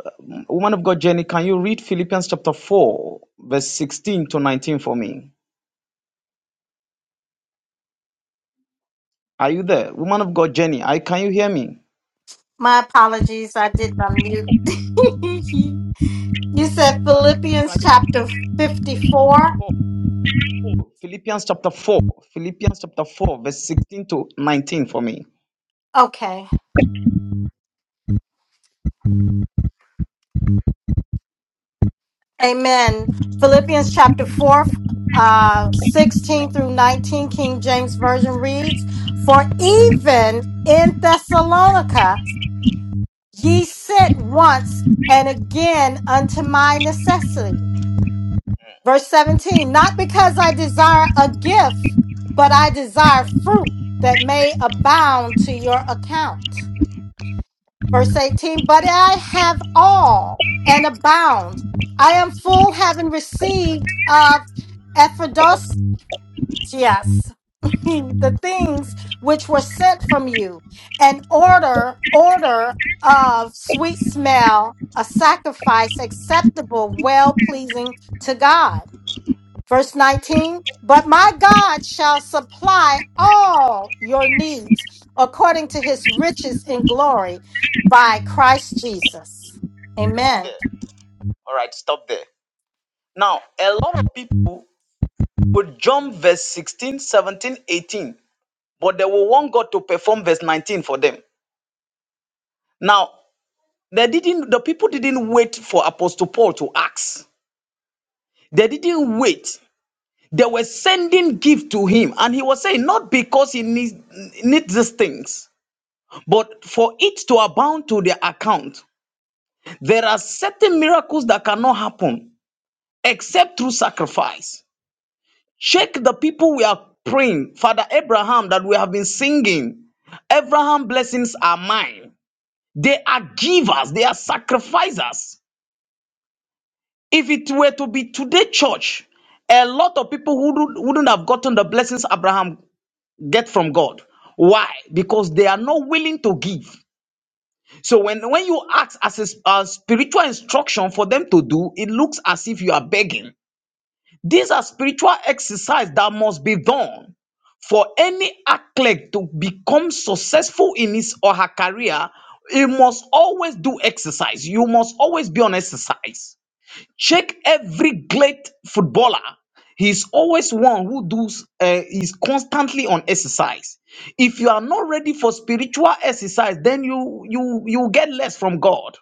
[SPEAKER 3] woman of god jenny can you read philippians chapter 4 verse 16 to 19 for me Are you there? Woman of God, Jenny, I, can you hear me?
[SPEAKER 1] My apologies, I did unmute. [LAUGHS] you said
[SPEAKER 3] I-
[SPEAKER 1] Philippians
[SPEAKER 3] Can
[SPEAKER 1] chapter 54.
[SPEAKER 3] you go to Philippians chapter 4, Philippians chapter 4, verse 16 to 19 for me.
[SPEAKER 1] Okay. Amen. Philippians chapter 4, uh, 16 through 19, King James Version reads, For even in Thessalonica ye sent once and again unto my necessity.
[SPEAKER 3] Mm,
[SPEAKER 1] Verse 17, Not because I desire a gift, but I desire fruit that may abound to your account. Verse 18, but I have all and abound. I am full, having received of Ephrodosius [LAUGHS] the things which were sent from you, an order, order of sweet smell, a sacrifice acceptable, well pleasing to God. Verse
[SPEAKER 3] Okay,
[SPEAKER 1] 19, but my God shall supply all your needs according to his riches in glory by Christ Jesus.
[SPEAKER 3] stop
[SPEAKER 1] Amen.
[SPEAKER 3] there. All right, stop there. Now, a lot of people would jump verse 16, 17, 18, but they will want God to perform verse 19 for them. Now, they didn't the people didn't wait for Apostle Paul to ask. They didn't wait. They were sending gift to him, and he was saying, not because he needs needs these things, but for it to abound to their account. There are certain miracles that cannot happen except through sacrifice. Check the people we are praying, Father Abraham, that we have been singing. Abraham blessings are mine. They are givers, they are sacrificers. If it were to be today, church, a lot of people who wouldn't wouldn't have gotten the blessings Abraham get from God. Why? Because they are not willing to give. So when, when you ask as a, s- a spiritual instruction for them to do, it looks as if you are begging. These are spiritual exercise that must be done for any athlete to become successful in his or her career. He must always do exercise. You must always be on exercise. Check every great footballer. He's always one who does uh, is constantly on exercise. If you are not ready for spiritual exercise, then you you you get less from God.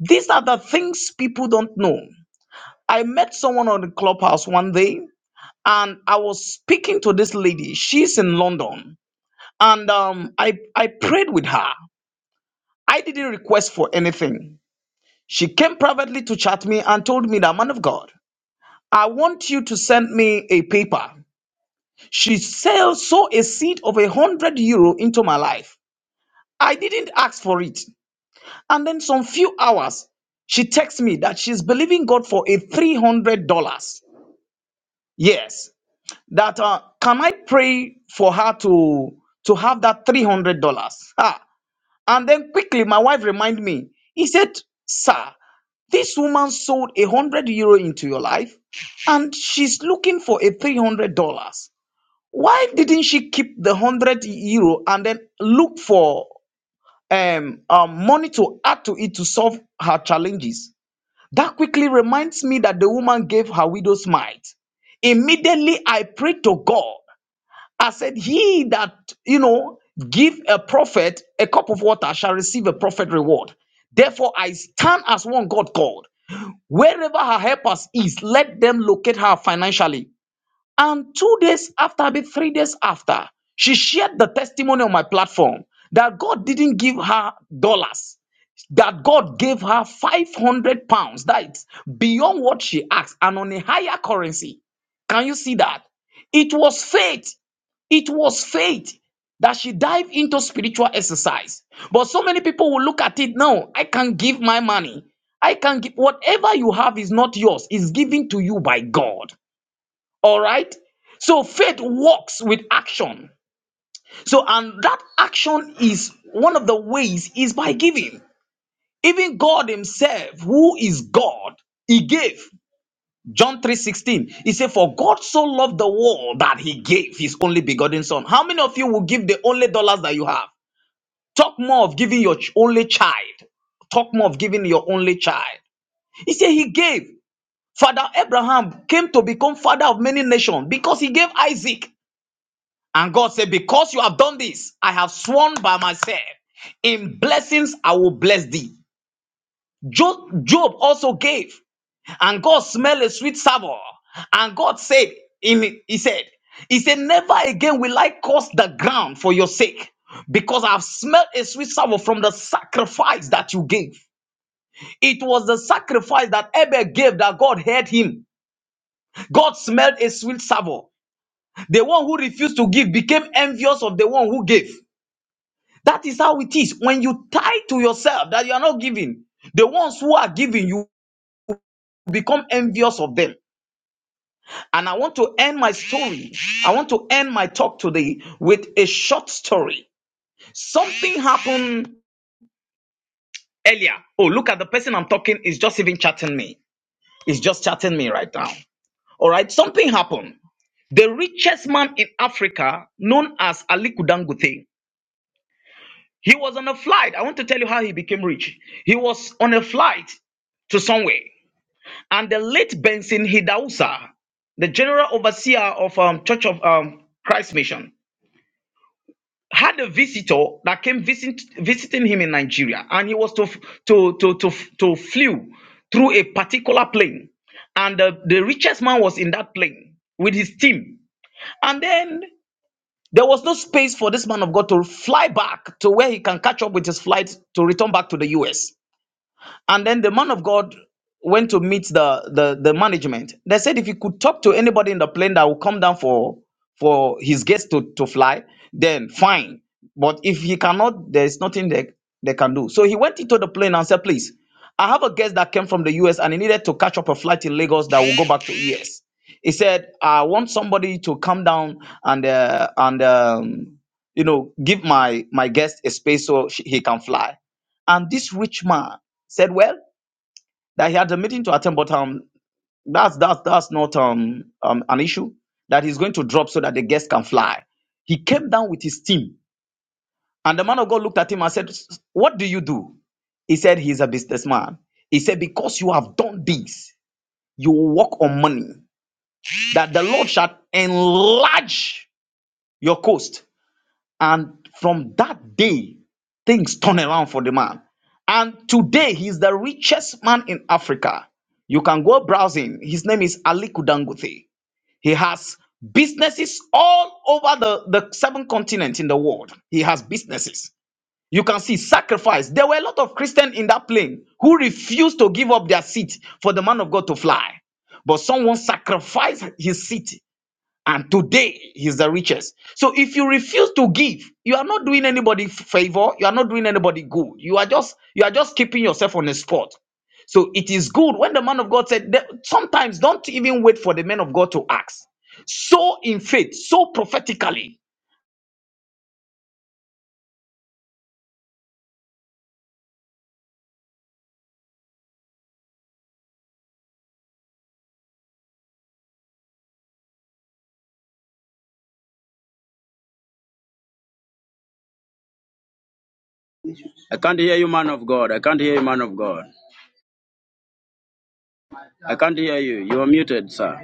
[SPEAKER 3] These are the things people don't know. I met someone on the clubhouse one day, and I was speaking to this lady. She's in London, and um, I I prayed with her. I didn't request for anything. She came privately to chat me and told me that man of God. I want you to send me a paper. She sell, sow a seed of a hundred euro into my life. I didn't ask for it. And then some few hours, she texts me that she's believing God for a three hundred dollars. Yes, that uh, can I pray for her to to have that three hundred dollars? Ah, and then quickly my wife remind me. He said, "Sir, this woman sold a hundred euro into your life, and she's looking for a three hundred dollars." why didn't she keep the 100 euro and then look for um, um, money to add to it to solve her challenges? That quickly reminds me that the woman gave her widow's mite. Immediately I prayed to God. I said, He that, you know, give a prophet a cup of water shall receive a prophet reward. Therefore, I stand as one God called. Wherever her helpers is, let them locate her financially and two days after, maybe three days after, she shared the testimony on my platform that God didn't give her dollars, that God gave her 500 pounds. That's beyond what she asked and on a higher currency. Can you see that? It was faith. It was faith that she dived into spiritual exercise. But so many people will look at it now. I can give my money. I can give whatever you have is not yours, it's given to you by God. All right. So faith works with action. So, and that action is one of the ways is by giving. Even God Himself, who is God, He gave. John 3:16. He said, For God so loved the world that He gave His only begotten Son. How many of you will give the only dollars that you have? Talk more of giving your ch- only child. Talk more of giving your only child. He said he gave. Father Abraham came to become father of many nations because he gave Isaac. And God said, Because you have done this, I have sworn by myself, in blessings I will bless thee. Jo- Job also gave, and God smelled a sweet savour. And God said, in, He said, He said, Never again will I curse the ground for your sake, because I have smelled a sweet savour from the sacrifice that you gave. It was the sacrifice that Abel gave that God heard him. God smelled a sweet savour. The one who refused to give became envious of the one who gave. That is how it is. When you tie to yourself that you are not giving, the ones who are giving, you become envious of them. And I want to end my story. I want to end my talk today with a short story. Something happened earlier. Oh, look at the person I'm talking is just even chatting me. Is just chatting me right now. All right, something happened. The richest man in Africa, known as Aliku Dangote, he was on a flight. I want to tell you how he became rich. He was on a flight to somewhere. and the late Benson Hidausa, the general overseer of um, Church of um, Christ Mission, had a visitor that came visit, visiting him in Nigeria, and he was to f- to to to f- to flew through a particular plane, and the, the richest man was in that plane with his team, and then there was no space for this man of God to fly back to where he can catch up with his flight to return back to the U.S. And then the man of God went to meet the, the, the management. They said if he could talk to anybody in the plane that will come down for for his guests to, to fly, then fine. But if he cannot, there's nothing they, they can do. So he went into the plane and said, please, I have a guest that came from the US and he needed to catch up a flight in Lagos that will go back to US. He said, I want somebody to come down and uh, and um, you know give my my guest a space so she, he can fly. And this rich man said well that he had a meeting to attend, but um that's that's that's not um um an issue that he's going to drop so that the guests can fly. He came down with his team, and the man of God looked at him and said, "S- "What do you do?" He said, "He's a businessman." He said, "Because you have done this, you will work on money that the Lord shall enlarge your coast." And from that day, things turn around for the man. And today, he's the richest man in Africa. You can go browsing. His name is Aliku Dangote. He has businesses all over the, the seven continents in the world. He has businesses. You can see sacrifice. There were a lot of Christians in that plane who refused to give up their seat for the man of God to fly. But someone sacrificed his seat and today he's the richest. So if you refuse to give, you are not doing anybody f- favor, you are not doing anybody good. You are just you are just keeping yourself on the spot. So it is good when the man of God said that sometimes don't even wait for the man of God to ask. So in faith, so prophetically.
[SPEAKER 2] I can't hear you, man of God. I can't hear you, man of God. I can't hear you. You are muted, sir.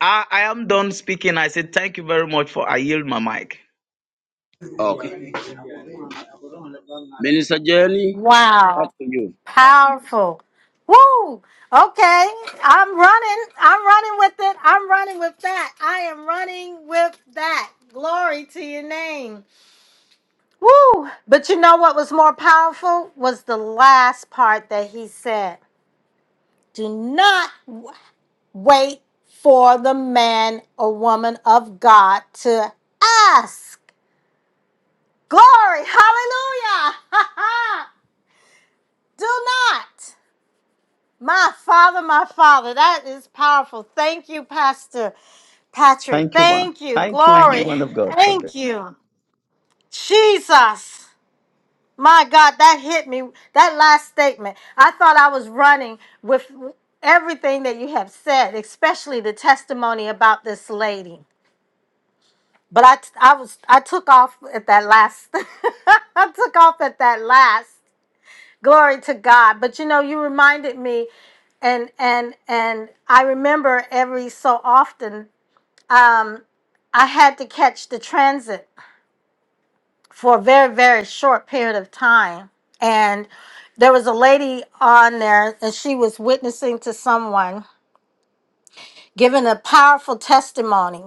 [SPEAKER 3] I, I am done speaking. I said thank you very much for I yield my mic.
[SPEAKER 2] Okay. Minister Jenny, up
[SPEAKER 1] Wow.
[SPEAKER 2] to you.
[SPEAKER 1] Powerful. Woo. Okay. I'm running. I'm running with it. I'm running with that. I am running with that. Glory to your name. Woo. But you know what was more powerful was the last part that he said. Do not. wait for the man or woman of God to ask. Glory, hallelujah. [LAUGHS] Do not. My father, my father. That is powerful. Thank you, Pastor Patrick.
[SPEAKER 3] Thank you, ma.
[SPEAKER 1] Thank you.
[SPEAKER 3] Thank you,
[SPEAKER 1] Glory.
[SPEAKER 3] woman of God. God bless.
[SPEAKER 1] Thank you. Jesus. My God, that hit me. That last statement. I thought I was running with everything that you have said, especially the testimony about this lady. But I, t- I was I took off at that last. [LAUGHS] I took off at that last. Glory to God. But you know, you reminded me, and and and I remember every so often, um, I had to catch the transit for a very very short period of time, and there was a lady on there, and she was witnessing to someone, giving a powerful testimony.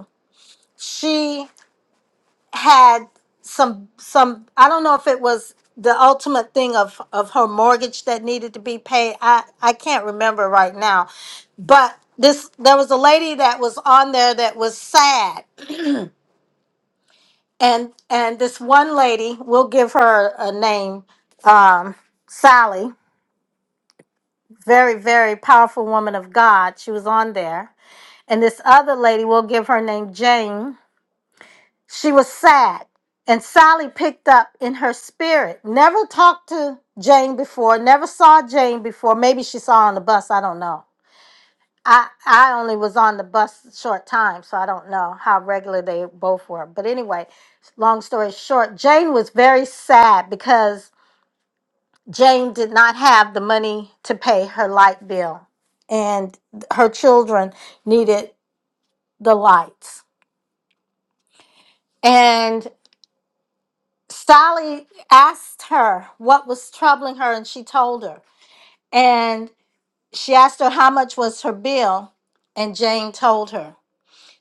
[SPEAKER 1] She. had some some I don't know if it was the ultimate thing of of her mortgage that needed to be paid. I I can't remember right now. But this there was a lady that was on there that was sad and and this one lady, we'll give her a name, um Sally, very very powerful woman of God. She was on there. And this other lady, we'll give her name Jane She was sad, and Sally picked up in her spirit. Never talked to Jane before, never saw Jane before. Maybe she saw her on the bus, I don't know. I, I only was on the bus a short time, so I don't know how regular they both were. But anyway, long story short, Jane was very sad because Jane did not have the money to pay her light bill, and her children needed the lights. And Sally asked her what was troubling her, and she told her. And she asked her how much was her bill, and Jane told her.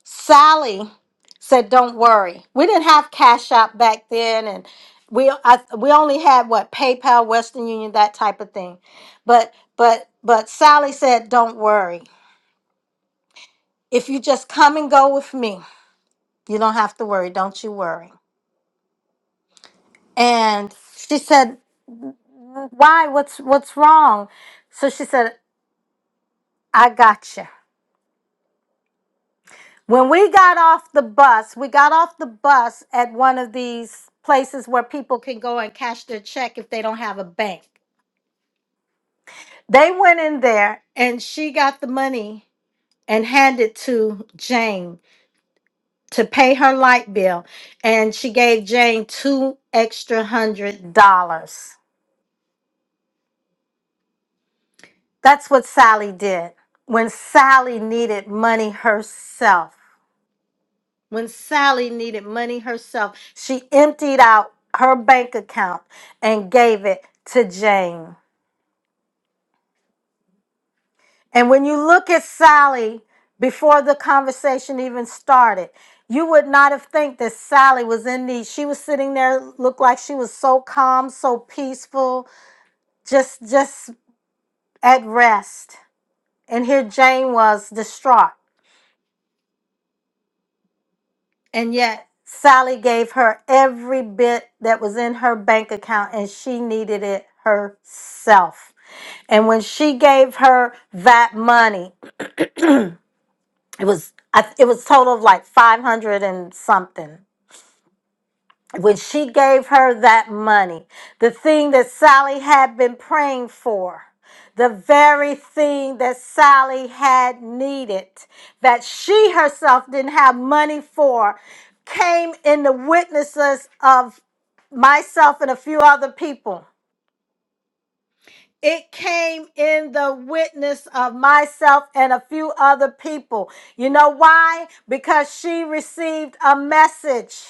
[SPEAKER 1] Sally said, "Don't worry. We didn't have Cash App back then, and we I, we only had what PayPal, Western Union, that type of thing. But but but Sally said, "Don't worry. If you just come and go with me, you don't have to worry. Don't you worry." And she said why what's what's wrong so she said i got you when we got off the bus we got off the bus at one of these places where people can go and cash their check if they don't have a bank they went in there and she got the money and handed to jane to pay her light bill and she gave jane two extra hundred dollars that's what sally did when sally needed money herself When Sally needed money herself, she emptied out her bank account and gave it to Jane. And when you look at Sally before the conversation even started, you would not have think that Sally was in need. She was sitting there, looked like she was so calm, so peaceful, just just at rest. And here Jane was distraught. And yet, Sally gave her every bit that was in her bank account and she needed it herself. And when she gave her that money, [CLEARS THROAT] it was I- it was total of like 500 and something when she gave her that money, the thing that Sally had been praying for, the very thing that Sally had needed, that she herself didn't have money for, came in the witnesses of myself and a few other people. It came in the witness of myself and a few other people. You know why? Because she received a message.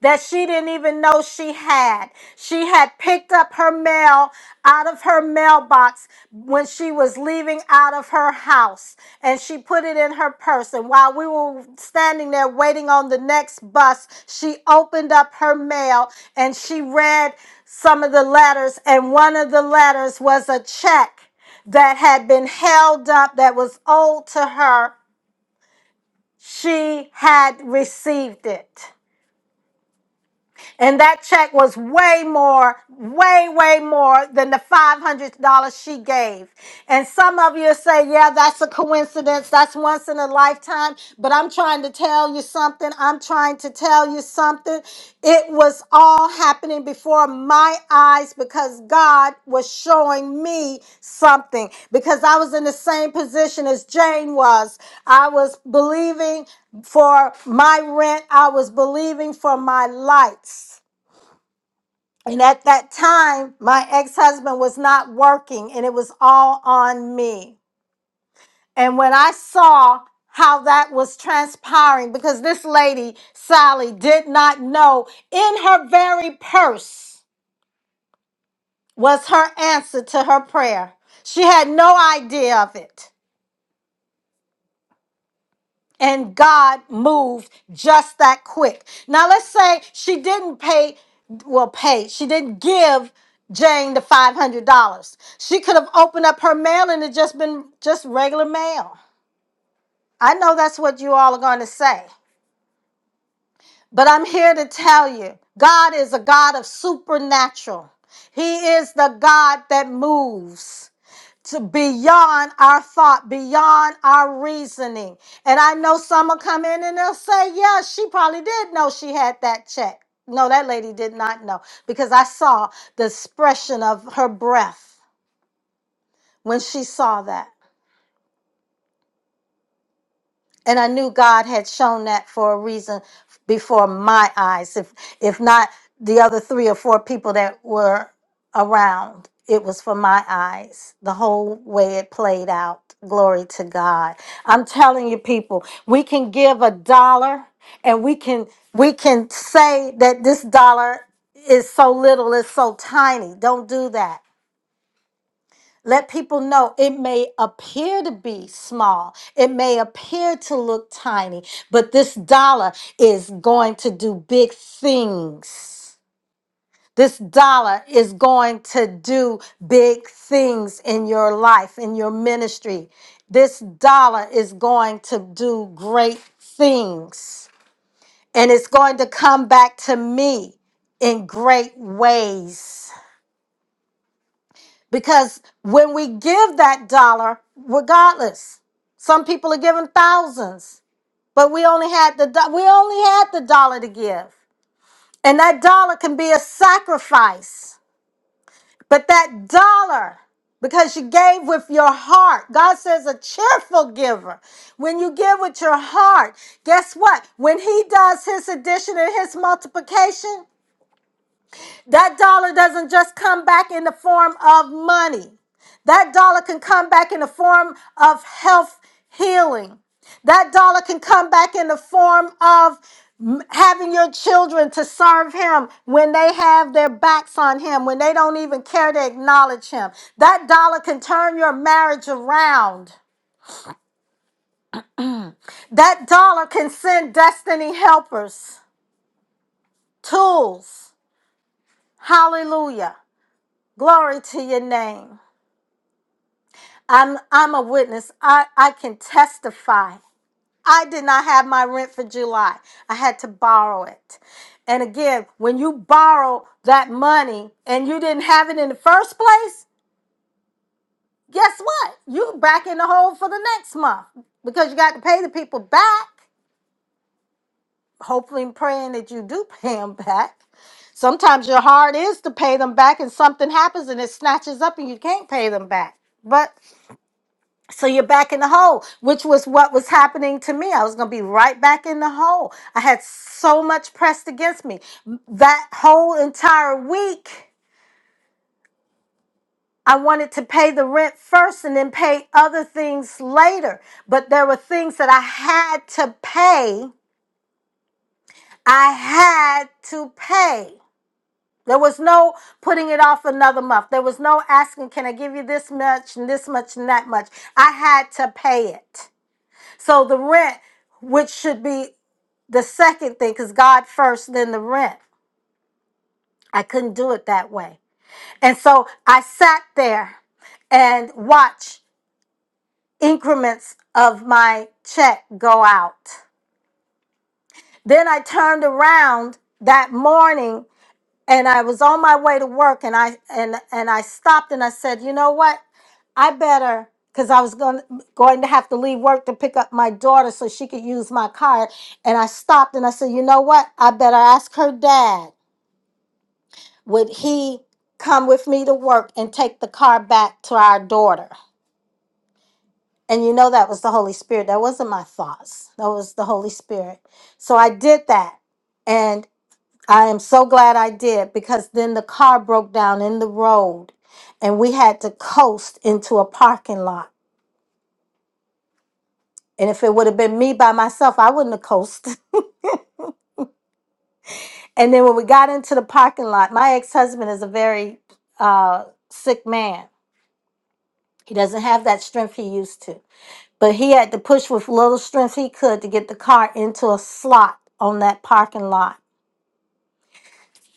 [SPEAKER 1] that she didn't even know she had. She had picked up her mail out of her mailbox when she was leaving out of her house and she put it in her purse. And while we were standing there waiting on the next bus, she opened up her mail and she read some of the letters. And one of the letters was a check that had been held up that was owed to her. She had received it. And that check was way more, way, way more than the $500 she gave. And some of you say, yeah, that's a coincidence. That's once in a lifetime. But I'm trying to tell you something. I'm trying to tell you something. It was all happening before my eyes because God was showing me something. Because I was in the same position as Jane was. I was believing for my rent, I was believing for my lights. And at that time, my ex husband was not working and it was all on me. And when I saw how that was transpiring, because this lady, Sally, did not know in her very purse was her answer to her prayer. She had no idea of it. And God moved just that quick. Now let's say she didn't pay, well, pay, she didn't give Jane the $500. She could have opened up her mail and it just been just regular mail. I know that's what you all are going to say, but I'm here to tell you God is a God of supernatural. He is the God that moves. to beyond our thought, beyond our reasoning. And I know some will come in and they'll say, Yeah, she probably did know she had that check. No, that lady did not know because I saw the expression of her breath when she saw that. and I knew God had shown that for a reason before my eyes. If if not the other three or four people that were around, it was for my eyes. The whole way it played out. Glory to God. I'm telling you, people, we can give a dollar, and we can we can say that this dollar is so little, it's so tiny. Don't do that. Let people know it may appear to be small, it may appear to look tiny, but this dollar is going to do big things. This dollar is going to do big things in your life, in your ministry. This dollar is going to do great things, and it's going to come back to me in great ways. Because when we give that dollar, regardless, some people are giving thousands, but we only had the do- we only had the dollar to give. And that dollar can be a sacrifice. But that dollar, because you gave with your heart, God says a cheerful giver. When you give with your heart, guess what? When He does His addition and His multiplication, that dollar doesn't just come back in the form of money. That dollar can come back in the form of health healing. That dollar can come back in the form of m- having your children to serve him when they have their backs on him, when they don't even care to acknowledge him. That dollar can turn your marriage around. That dollar can send destiny helpers, tools. Hallelujah. Glory to your name. I'm I'm a witness. I, I can testify. I did not have my rent for July. I had to borrow it. And again, when you borrow that money and you didn't have it in the first place, guess what? You back in the hole for the next month because you got to pay the people back. Hopefully and praying that you do [LAUGHS] pay them back. Sometimes your heart is to pay them back and something happens and it snatches up and you can't pay them back. But So you're back in the hole, which was what was happening to me. I was going to be right back in the hole. I had so much pressed against me. That whole entire week, I wanted to pay the rent first and then pay other things later. But there were things that I had to pay. I had to pay. There was no putting it off another month. There was no asking, can I give you this much and this much and that much? I had to pay it. So the rent, which should be the second thing because God first, then the rent. I couldn't do it that way. And so I sat there and watched increments of my check go out. Then I turned around that morning and I was on my way to work and I and and I stopped and I said, "You know what? I better because I was going going to have to leave work to pick up my daughter so she could use my car. And I stopped and I said, you know what? I better ask her dad would he come with me to work and take the car back to our daughter? And you know that was the Holy Spirit. That wasn't my thoughts. That was the Holy Spirit. So I did that. And I am so glad I did because then the car broke down in the road and we had to coast into a parking lot. And if it would have been me by myself, I wouldn't have coasted. [LAUGHS] And then when we got into the parking lot, my ex husband is a very uh, sick man. He doesn't have that strength he used to. But he had to push with little strength he could to get the car into a slot on that parking lot.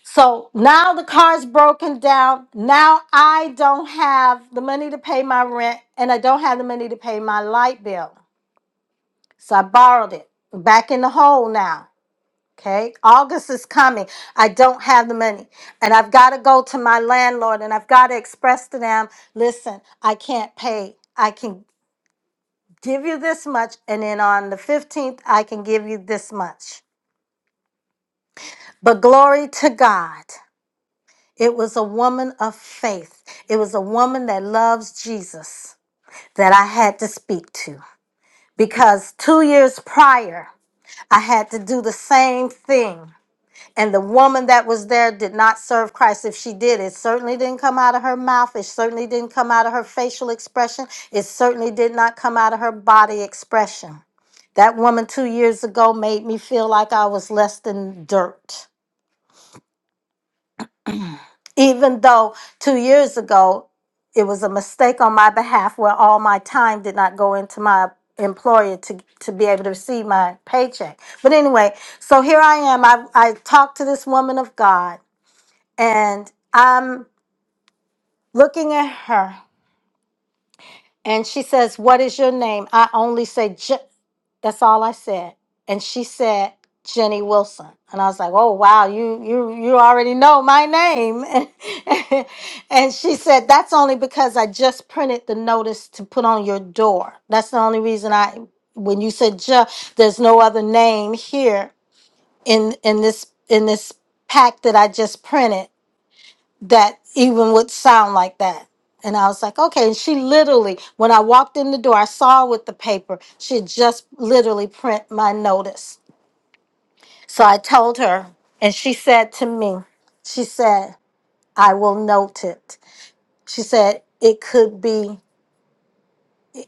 [SPEAKER 1] So now the car's broken down. Now I don't have the money to pay my rent and I don't have the money to pay my light bill. So I borrowed it. Back in the hole now. Okay. August is coming. I don't have the money. And I've got to go to my landlord and I've got to express to them listen, I can't pay. I can give you this much, and then on the 15th, I can give you this much. But glory to God, it was a woman of faith. It was a woman that loves Jesus that I had to speak to because two years prior, I had to do the same thing. And the woman that was there did not serve Christ. If she did, it certainly didn't come out of her mouth. It certainly didn't come out of her facial expression. It certainly did not come out of her body expression. That woman two years ago made me feel like I was less than dirt. Even though two years ago it was a mistake on my behalf where all my time did not go into my employer to, to be able to receive my paycheck. But anyway, so here I am. I, I talked to this woman of God And I'm looking at her, and she says, What is your name? I only say, Je- That's all I said. And she said, Jenny Wilson. And I was like, Oh, wow, you, you, you already know my name. [LAUGHS] and she said, That's only because I just printed the notice to put on your door. That's the only reason I, when you said, Je- There's no other name here in, in this, in this pack that I just printed that even would sound like that. And I was like, okay. And she literally, when I walked in the door, I saw with the paper, she had just literally print my notice. So I told her, and she said to me, she said, I will note it. She said, it could be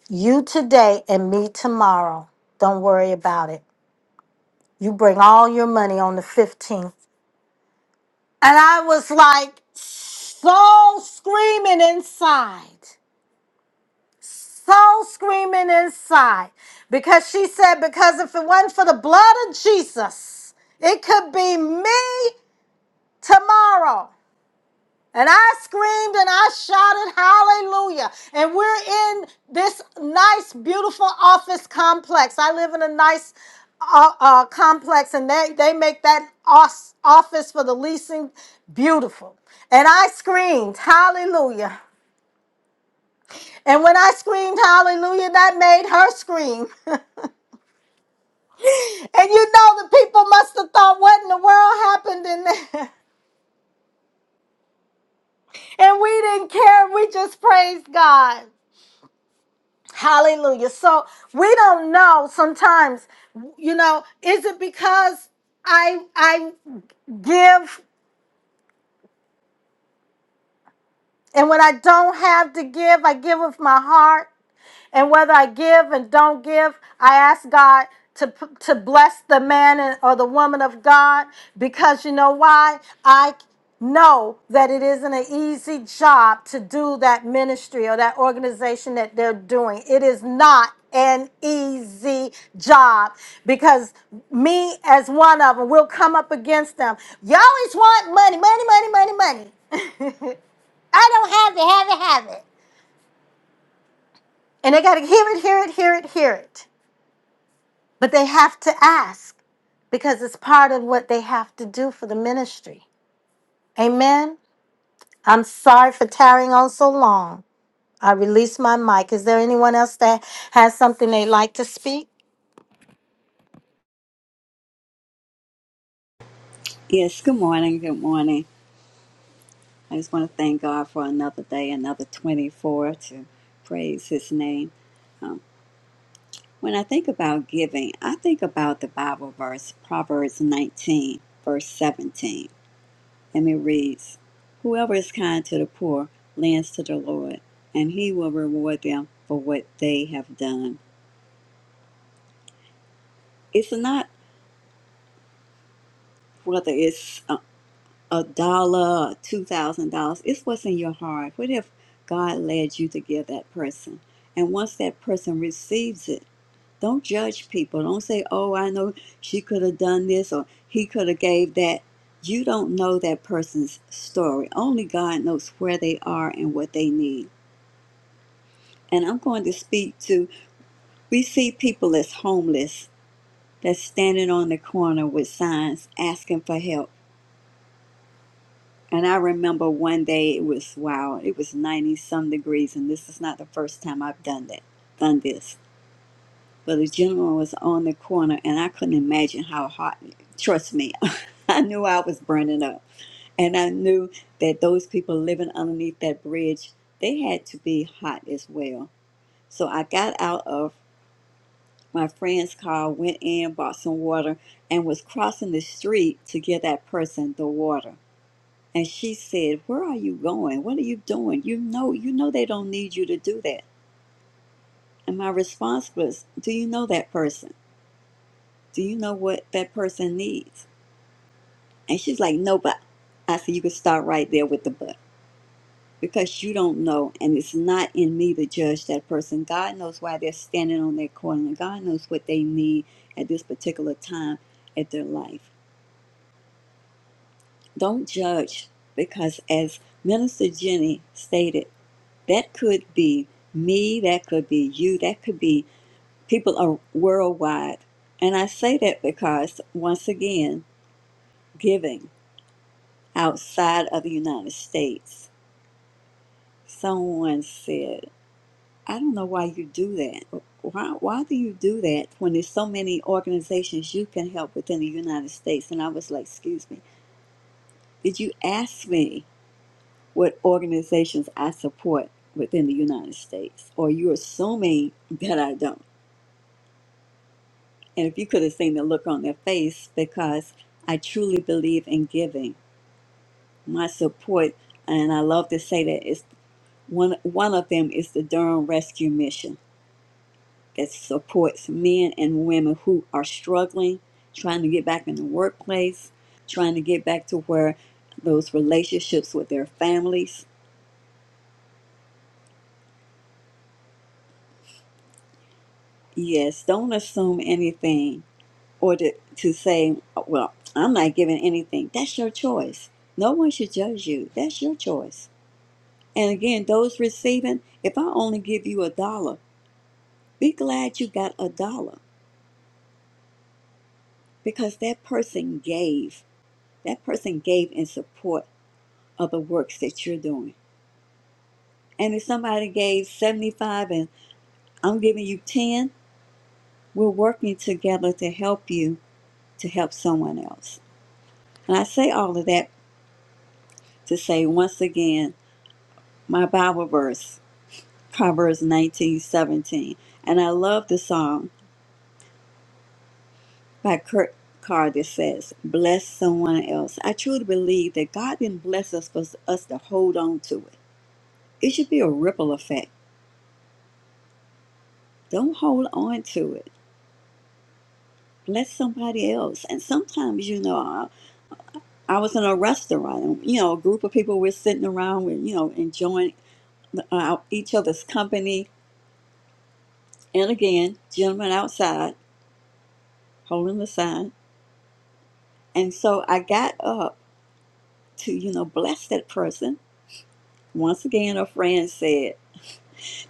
[SPEAKER 1] you today and me tomorrow. Don't worry about it. You bring all your money on the 15th. And I was like, so screaming inside. soul screaming inside because she said, Because if it wasn't for the blood of Jesus, it could be me tomorrow. And I screamed and I shouted, Hallelujah. And we're in this nice, beautiful office complex. I live in a nice uh, uh, complex, and they, they make that os- office for the leasing beautiful. And I screamed, Hallelujah. And when I screamed hallelujah, that made her scream. [LAUGHS] And you know, the people must have thought, what in the world happened in there? [LAUGHS] And we didn't care. We just praised God. Hallelujah. So we don't know sometimes, you know, is it because I I give and when I don't have to give, I give with my heart? And whether I give and don't give, I ask God to, to bless the man and- or the woman of God because you know why? I know that it isn't an easy job to do that ministry or that organization that they're doing. It is not an easy job because me as one of them will come up against them. You always want money, money, money, money, money. [LAUGHS] I don't have it, have it, have it. And they got to hear it, hear it, hear it, hear it. But they have to ask because it's part of what they have to do for the ministry. Amen. I'm sorry for tarrying on so long. I release my mic. Is there anyone else that has something they'd like to speak?
[SPEAKER 4] Yes, good morning. Good morning. I just want to thank God for another day, another 24 to praise his name. Um, when I think about giving, I think about the Bible verse, Proverbs 19, verse 17. And it reads Whoever is kind to the poor lends to the Lord, and he will reward them for what they have done. It's not whether it's um, a dollar, two thousand dollars. It's what's in your heart. What if God led you to give that person? And once that person receives it, don't judge people. Don't say, "Oh, I know she could have done this or he could have gave that." You don't know that person's story. Only God knows where they are and what they need. And I'm going to speak to. We see people that's homeless, that's standing on the corner with signs asking for help And I remember one day it was wow, it was ninety some degrees, and this is not the first time I've done that, done this. But the gentleman was on the corner, and I couldn't imagine how hot. Trust me, [LAUGHS] I knew I was burning up, and I knew that those people living underneath that bridge, they had to be hot as well. So I got out of my friend's car, went in, bought some water, and was crossing the street to get that person the water and she said, Where are you going? What are you doing? You know, you know they don't need you to do that. And my response was, Do you know that person? Do you know what that person needs? And she's like, No, but I said, You can start right there with the but because you don't know. And it's not in me to judge that person. God knows why they're standing on that corner. and God knows what they need at this particular time at their life. Don't judge because, as Minister Jenny stated, That could be me, that could be you, that could be people are worldwide. And I say that because, once again, giving outside of the United States, someone said, I don't know why you do that. Why, why do you do that when there's so many organizations you can help within the United States? And I was like, excuse me, did you ask me what organizations I support within the United States? Or you are assuming that I don't? And if you could have seen the look on their face, because I truly believe in giving my support, and I love to say that it's one one of them is the Durham Rescue Mission that supports men and women who are struggling, trying to get back in the workplace, trying to get back to where those relationships with their families. Yes, don't assume anything or to, to say, well, I'm not giving anything. That's your choice. No one should judge you. That's your choice And again, those receiving, if I only give you a dollar, be glad you got a dollar because that person gave. That person gave in support of the works that you're doing. And if somebody gave 75 and I'm giving you 10, we're working together to help you to help someone else. And I say all of that to say once again, my Bible verse, Proverbs 19:17, And I love the song by Kurt Carter says, Bless someone else. I truly believe that God didn't bless us for us to hold on to it. It should be a ripple effect. Don't hold on to it. Bless somebody else. And sometimes, you know, I, I was in a restaurant and, you know, a group of people were sitting around, with, you know, enjoying uh, each other's company. And again, gentlemen outside holding the sign. And so I got up to, you know, bless that person. Once again, a friend said.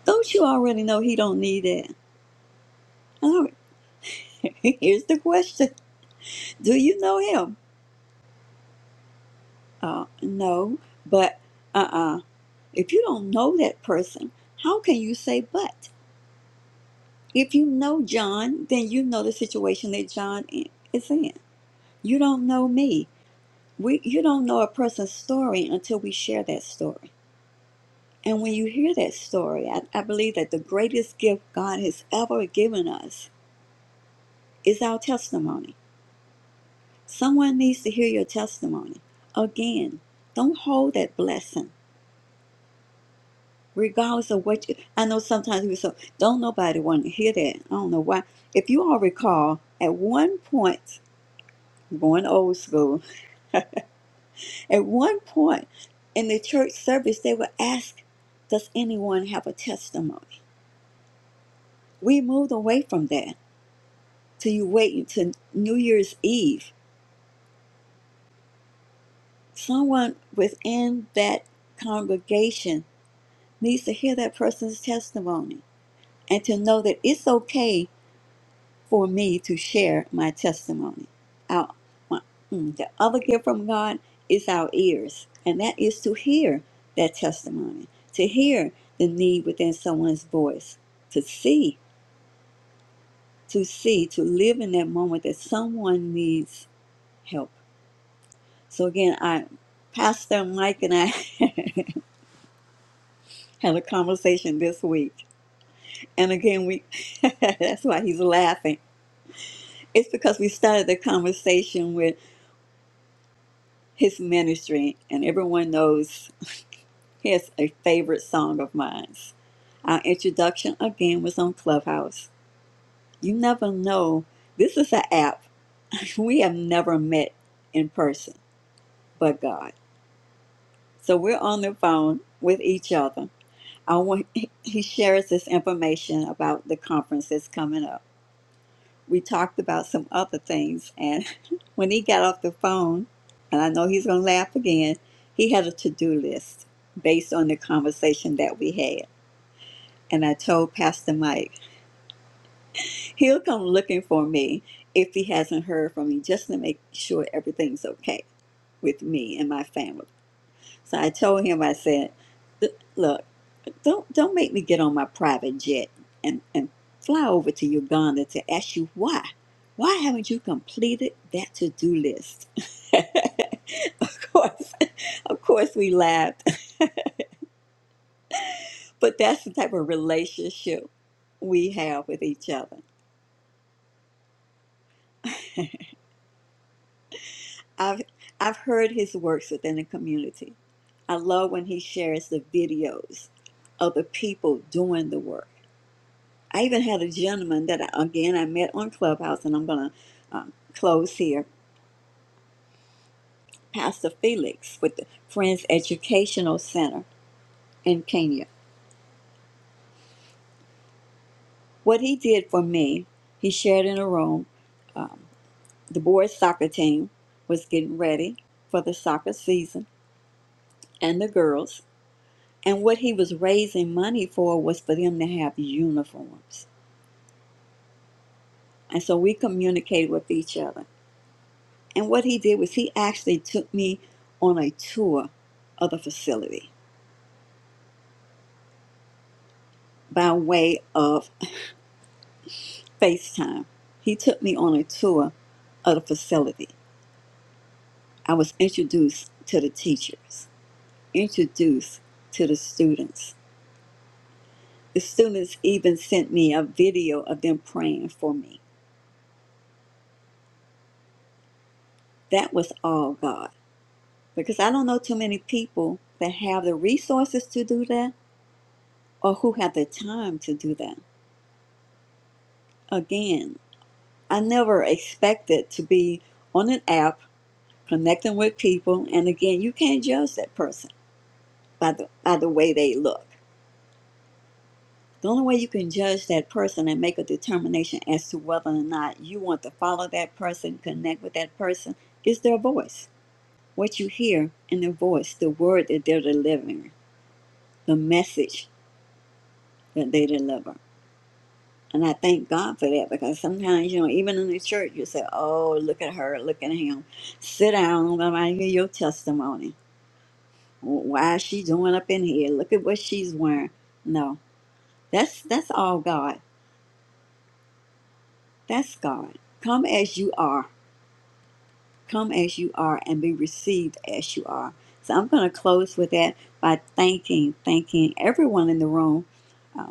[SPEAKER 4] Don't you already know he don't need that? Oh, [LAUGHS] here's the question: Do you know him? Uh, no, but uh-uh. If you don't know that person, how can you say but? If you know John, then you know the situation that John i- is in. You don't know me. We, you don't know a person's story until we share that story. And when you hear that story, I, I believe that the greatest gift God has ever given us is our testimony Someone needs to hear your testimony. Again, don't hold that blessing, regardless of what you. I know sometimes we so don't nobody want to hear that. I don't know why. If you all recall, at one point, I'm going old school, at one point in the church service, they would ask, "Does anyone have a testimony?" We moved away from that to you waiting to New Year's Eve. Someone within that congregation needs to hear that person's testimony and to know that it's okay for me to share my testimony. Our, my, mm, the other gift from God is our ears, and that is to hear that testimony, to hear the need within someone's voice, to see, to see, to live in that moment that someone needs help. So again, I, Pastor Mike and I [LAUGHS] had a conversation this week, and again we, that's [LAUGHS] why he's laughing. It's because we started the conversation his ministry, and everyone knows he has a favorite song of mine. Our introduction again was on Clubhouse. You never know. This is an app. [LAUGHS] We have never met in person, but God. So we're on the phone with each other. I want, he shares this information about the conference that's coming up. we talked about some other things and [LAUGHS] when he got off the phone and i know he's going to laugh again he had a to-do list based on the conversation that we had and i told pastor mike he'll come looking for me if he hasn't heard from me just to make sure everything's okay with me and my family so i told him i said look Don't don't make me get on my private jet and, and fly over to Uganda to ask you why. Why haven't you completed that to do list? [LAUGHS] of course, of course we laughed. But that's the type of relationship we have with each other. I've I've heard his works within the community. I love when he shares the videos of the people doing the work. I even had a gentleman that I, again I met on Clubhouse, and I'm gonna um, close here. Pastor Felix with the Friends Educational Center in Kenya. What he did for me, he shared in a room. Um, the boys' soccer team was getting ready for the soccer season, and the girls. And what he was raising money for was for them to have uniforms. And so we communicated with each other And what he did was he actually took me on a tour of the facility by way of FaceTime. He took me on a tour of the facility. I was introduced to the teachers, introduced to the students. The students even sent me a video of them praying for me. That was all God. Because I don't know too many people that have the resources to do that or who have the time to do that. Again, I never expected to be on an app connecting with people. And again, you can't judge that person by the, by the way they look. The only way you can judge that person and make a determination as to whether or not you want to follow that person, connect with that person, is their voice. What you hear in their voice, the word that they're delivering, the message that they deliver. And I thank God for that because sometimes, you know, even in the church, you say, oh, look at her, look at him. Sit down, let me hear your testimony. Why is she doing up in here? Look at what she's wearing. No, that's that's all God. That's God. Come as you are. Come as you are and be received as you are. So I'm going to close with that by thanking, thanking everyone in the room uh,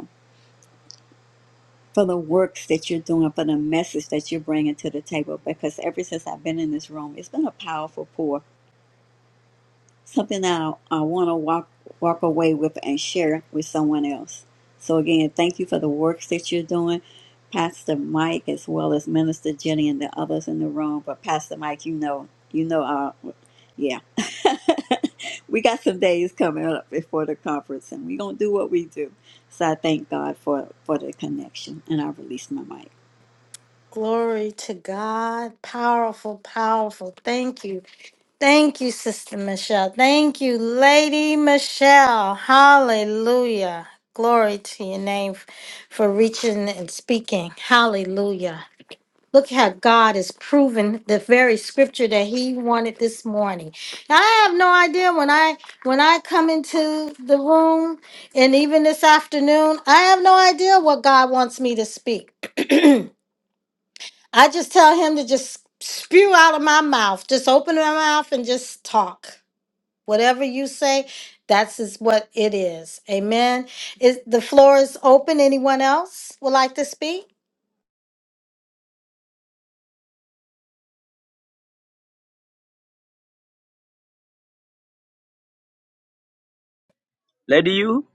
[SPEAKER 4] for the work that you're doing, for the message that you're bringing to the table. Because ever since I've been in this room, it's been a powerful pour, something that I, I want to walk walk away with and share with someone else. So again, thank you for the works that you're doing, Pastor Mike, as well as Minister Jenny and the others in the room. But Pastor Mike, you know, you know, uh, yeah, [LAUGHS] we got some days coming up before the conference, and we're gonna do what we do. So I thank God for for the connection, and I release my mic.
[SPEAKER 1] Glory to God. Powerful, powerful. Thank you. Thank you, Sister Michelle. Thank you, Lady Michelle. Hallelujah. Glory to your name f- for reaching and speaking. Hallelujah. Look how God has proven the very scripture that he wanted this morning. Now, I have no idea when I when I come into the room and even this afternoon, I have no idea what God wants me to speak. I just tell him to just spew out of my mouth. Just open my mouth and just talk. Whatever you say, that's is what it is. Amen. Is the floor is open. Anyone else would like to speak?
[SPEAKER 2] Lady you?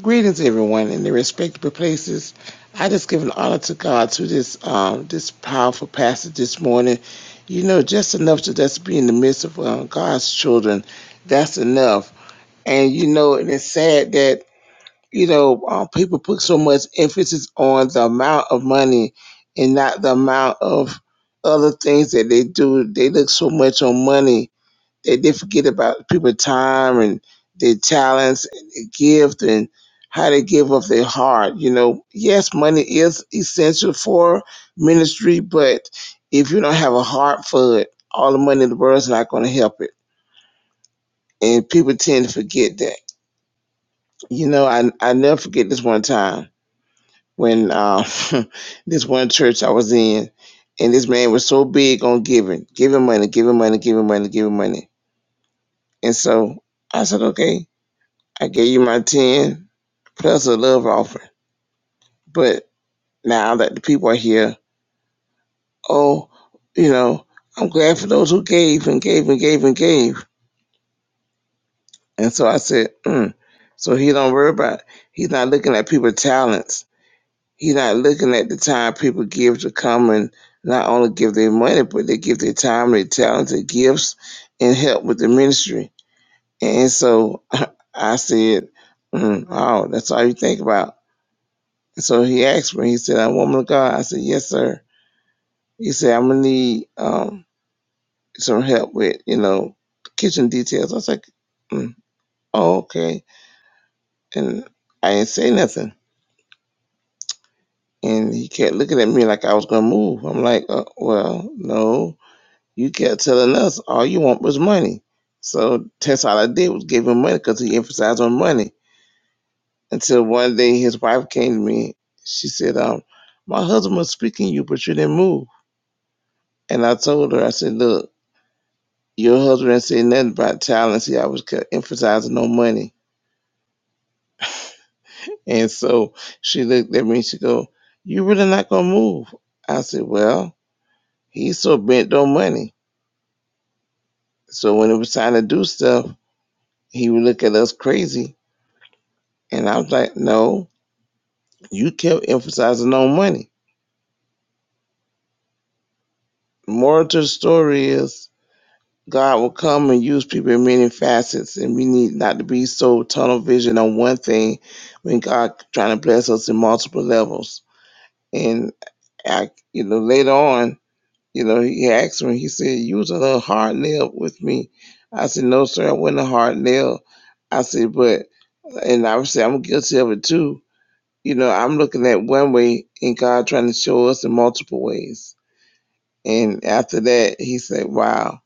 [SPEAKER 5] Greetings, everyone, in their respective places. I just give an honor to God through this um, this powerful passage this morning. You know, just enough to just be in the midst of um, God's children. That's enough. And you know, and it's sad that you know uh, people put so much emphasis on the amount of money and not the amount of other things that they do. They look so much on money they, they forget about people's time and their talents and their gift and how they give of their heart. You know, yes, money is essential for ministry, but if you don't have a heart for it, all the money in the world is not going to help it. And people tend to forget that. You know, I I never forget this one time when uh, [LAUGHS] this one church I was in, and this man was so big on giving, giving money, giving money, giving money, giving money. And so I said, okay. I gave you my 10 plus a love offering. But now that the people are here, oh, you know, I'm glad for those who gave and gave and gave and gave. And so I said, mm. so he don't worry about it. He's not looking at people's talents. He's not looking at the time people give to come and not only give their money, but they give their time, their talents, their gifts, and help with the ministry. And so [LAUGHS] I said, mm, oh, that's all you think about So he asked me, he said, I'm a woman of God. I said, Yes, sir. He said, I'm gonna need um some help with, you know, kitchen details. I was like, mm, oh, okay. And I didn't say nothing. And he kept looking at me like I was gonna move. I'm like, uh, well, no, you kept telling us all you want was money. So that's all I did was give him money because he emphasized on money. Until one day his wife came to me. She said, um, my husband was speaking to you, but you didn't move. And I told her, I said, look, Your husband did say nothing about talent. See, I was ca- emphasizing no money. And so she looked at me and she go, You really not gonna move? I said, Well, he's so bent on money. So when it was time to do stuff, he would look at us crazy. And I was like, No, you kept emphasizing no money. Moral to the story is God will come and use people in many facets, and we need not to be so tunnel vision on one thing when God trying to bless us in multiple levels. and. I, you know, later on, you know, he asked me, he said, you was a little hard nail with me. I said, no, sir, I wasn't a hard nail. I said, but, and I said, I'm guilty of it too. You know, I'm looking at one way and God trying to show us in multiple ways. And after that, he said, wow.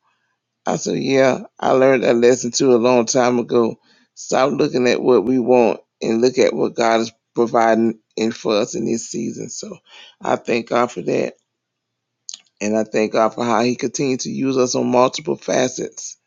[SPEAKER 5] I said, yeah, I learned that lesson too a long time ago. Stop looking at what we want and look at what God is providing in for us in this season. So I thank God for that. And I thank God for how He continued to use us on multiple facets.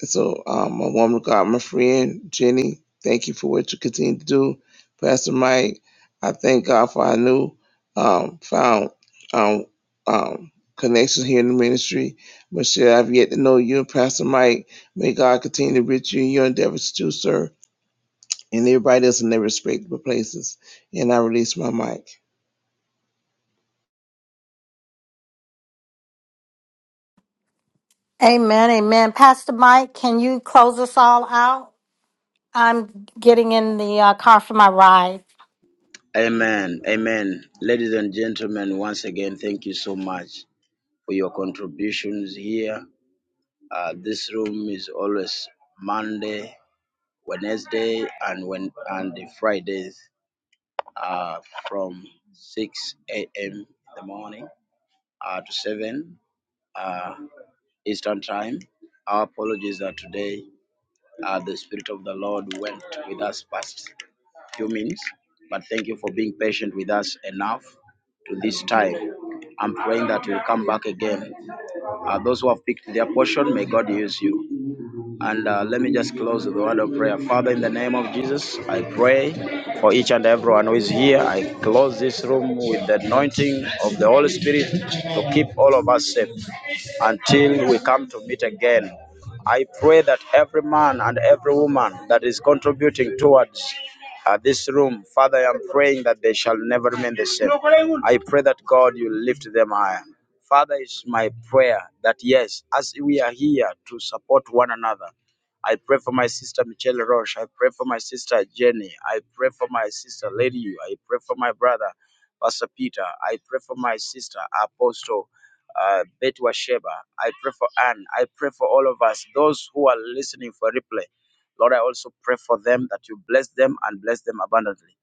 [SPEAKER 5] And so, um, my woman of God, my friend Jenny, thank you for what you continue to do. Pastor Mike, I thank God for our new um, found um, um, connections here in the ministry. Michelle, I've yet to know you and Pastor Mike. May God continue to reach you in your endeavors too, sir, and everybody else in their respective places. And I release my mic.
[SPEAKER 1] Amen. Amen. Pastor Mike, can you close us all out? I'm getting in the uh, car for my ride.
[SPEAKER 2] Amen. Amen. Ladies and gentlemen, once again, thank you so much for your contributions here. Uh, this room is always Monday, Wednesday, and when and the Fridays uh, from 6 a.m. in the morning uh, to 7 uh, Eastern Time. Our apologies that today uh, the Spirit of the Lord went with us past few minutes, but thank you for being patient with us enough to this time. I'm praying that you'll come back again. Uh, those who have picked their portion, may God use you. And uh, let me just close with a word of prayer. Father, in the name of Jesus, I pray for each and everyone who is here. I close this room with the anointing of the Holy Spirit to keep all of us safe until we come to meet again. I pray that every man and every woman that is contributing towards uh, this room, Father, I am praying that they shall never remain the same. I pray that God, you lift them higher. Father, is my prayer that yes, as we are here to support one another, I pray for my sister Michelle Roche. I pray for my sister Jenny. I pray for my sister Lady. I pray for my brother Pastor Peter. I pray for my sister Apostle uh, Betty Washeba. I pray for Anne. I pray for all of us, those who are listening for replay. Lord, I also pray for them that you bless them and bless them abundantly.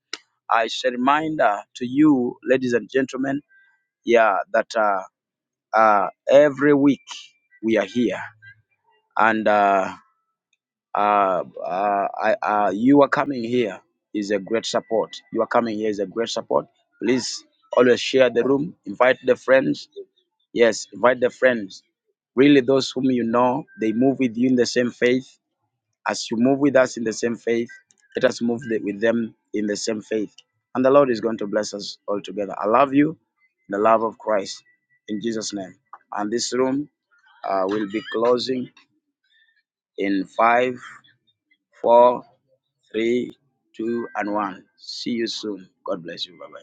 [SPEAKER 2] I shall remind uh, to you, ladies and gentlemen, yeah, that. uh, uh, every week we are here, and uh, uh, uh, I, uh, you are coming here is a great support. You are coming here is a great support. Please always share the room, invite the friends. Yes, invite the friends. Really, those whom you know, they move with you in the same faith. As you move with us in the same faith, let us move the, with them in the same faith. And the Lord is going to bless us all together. I love you, in the love of Christ, in Jesus' name. And this room uh, will be closing in five, four, three, two, and one. See you soon. God bless you. Bye bye.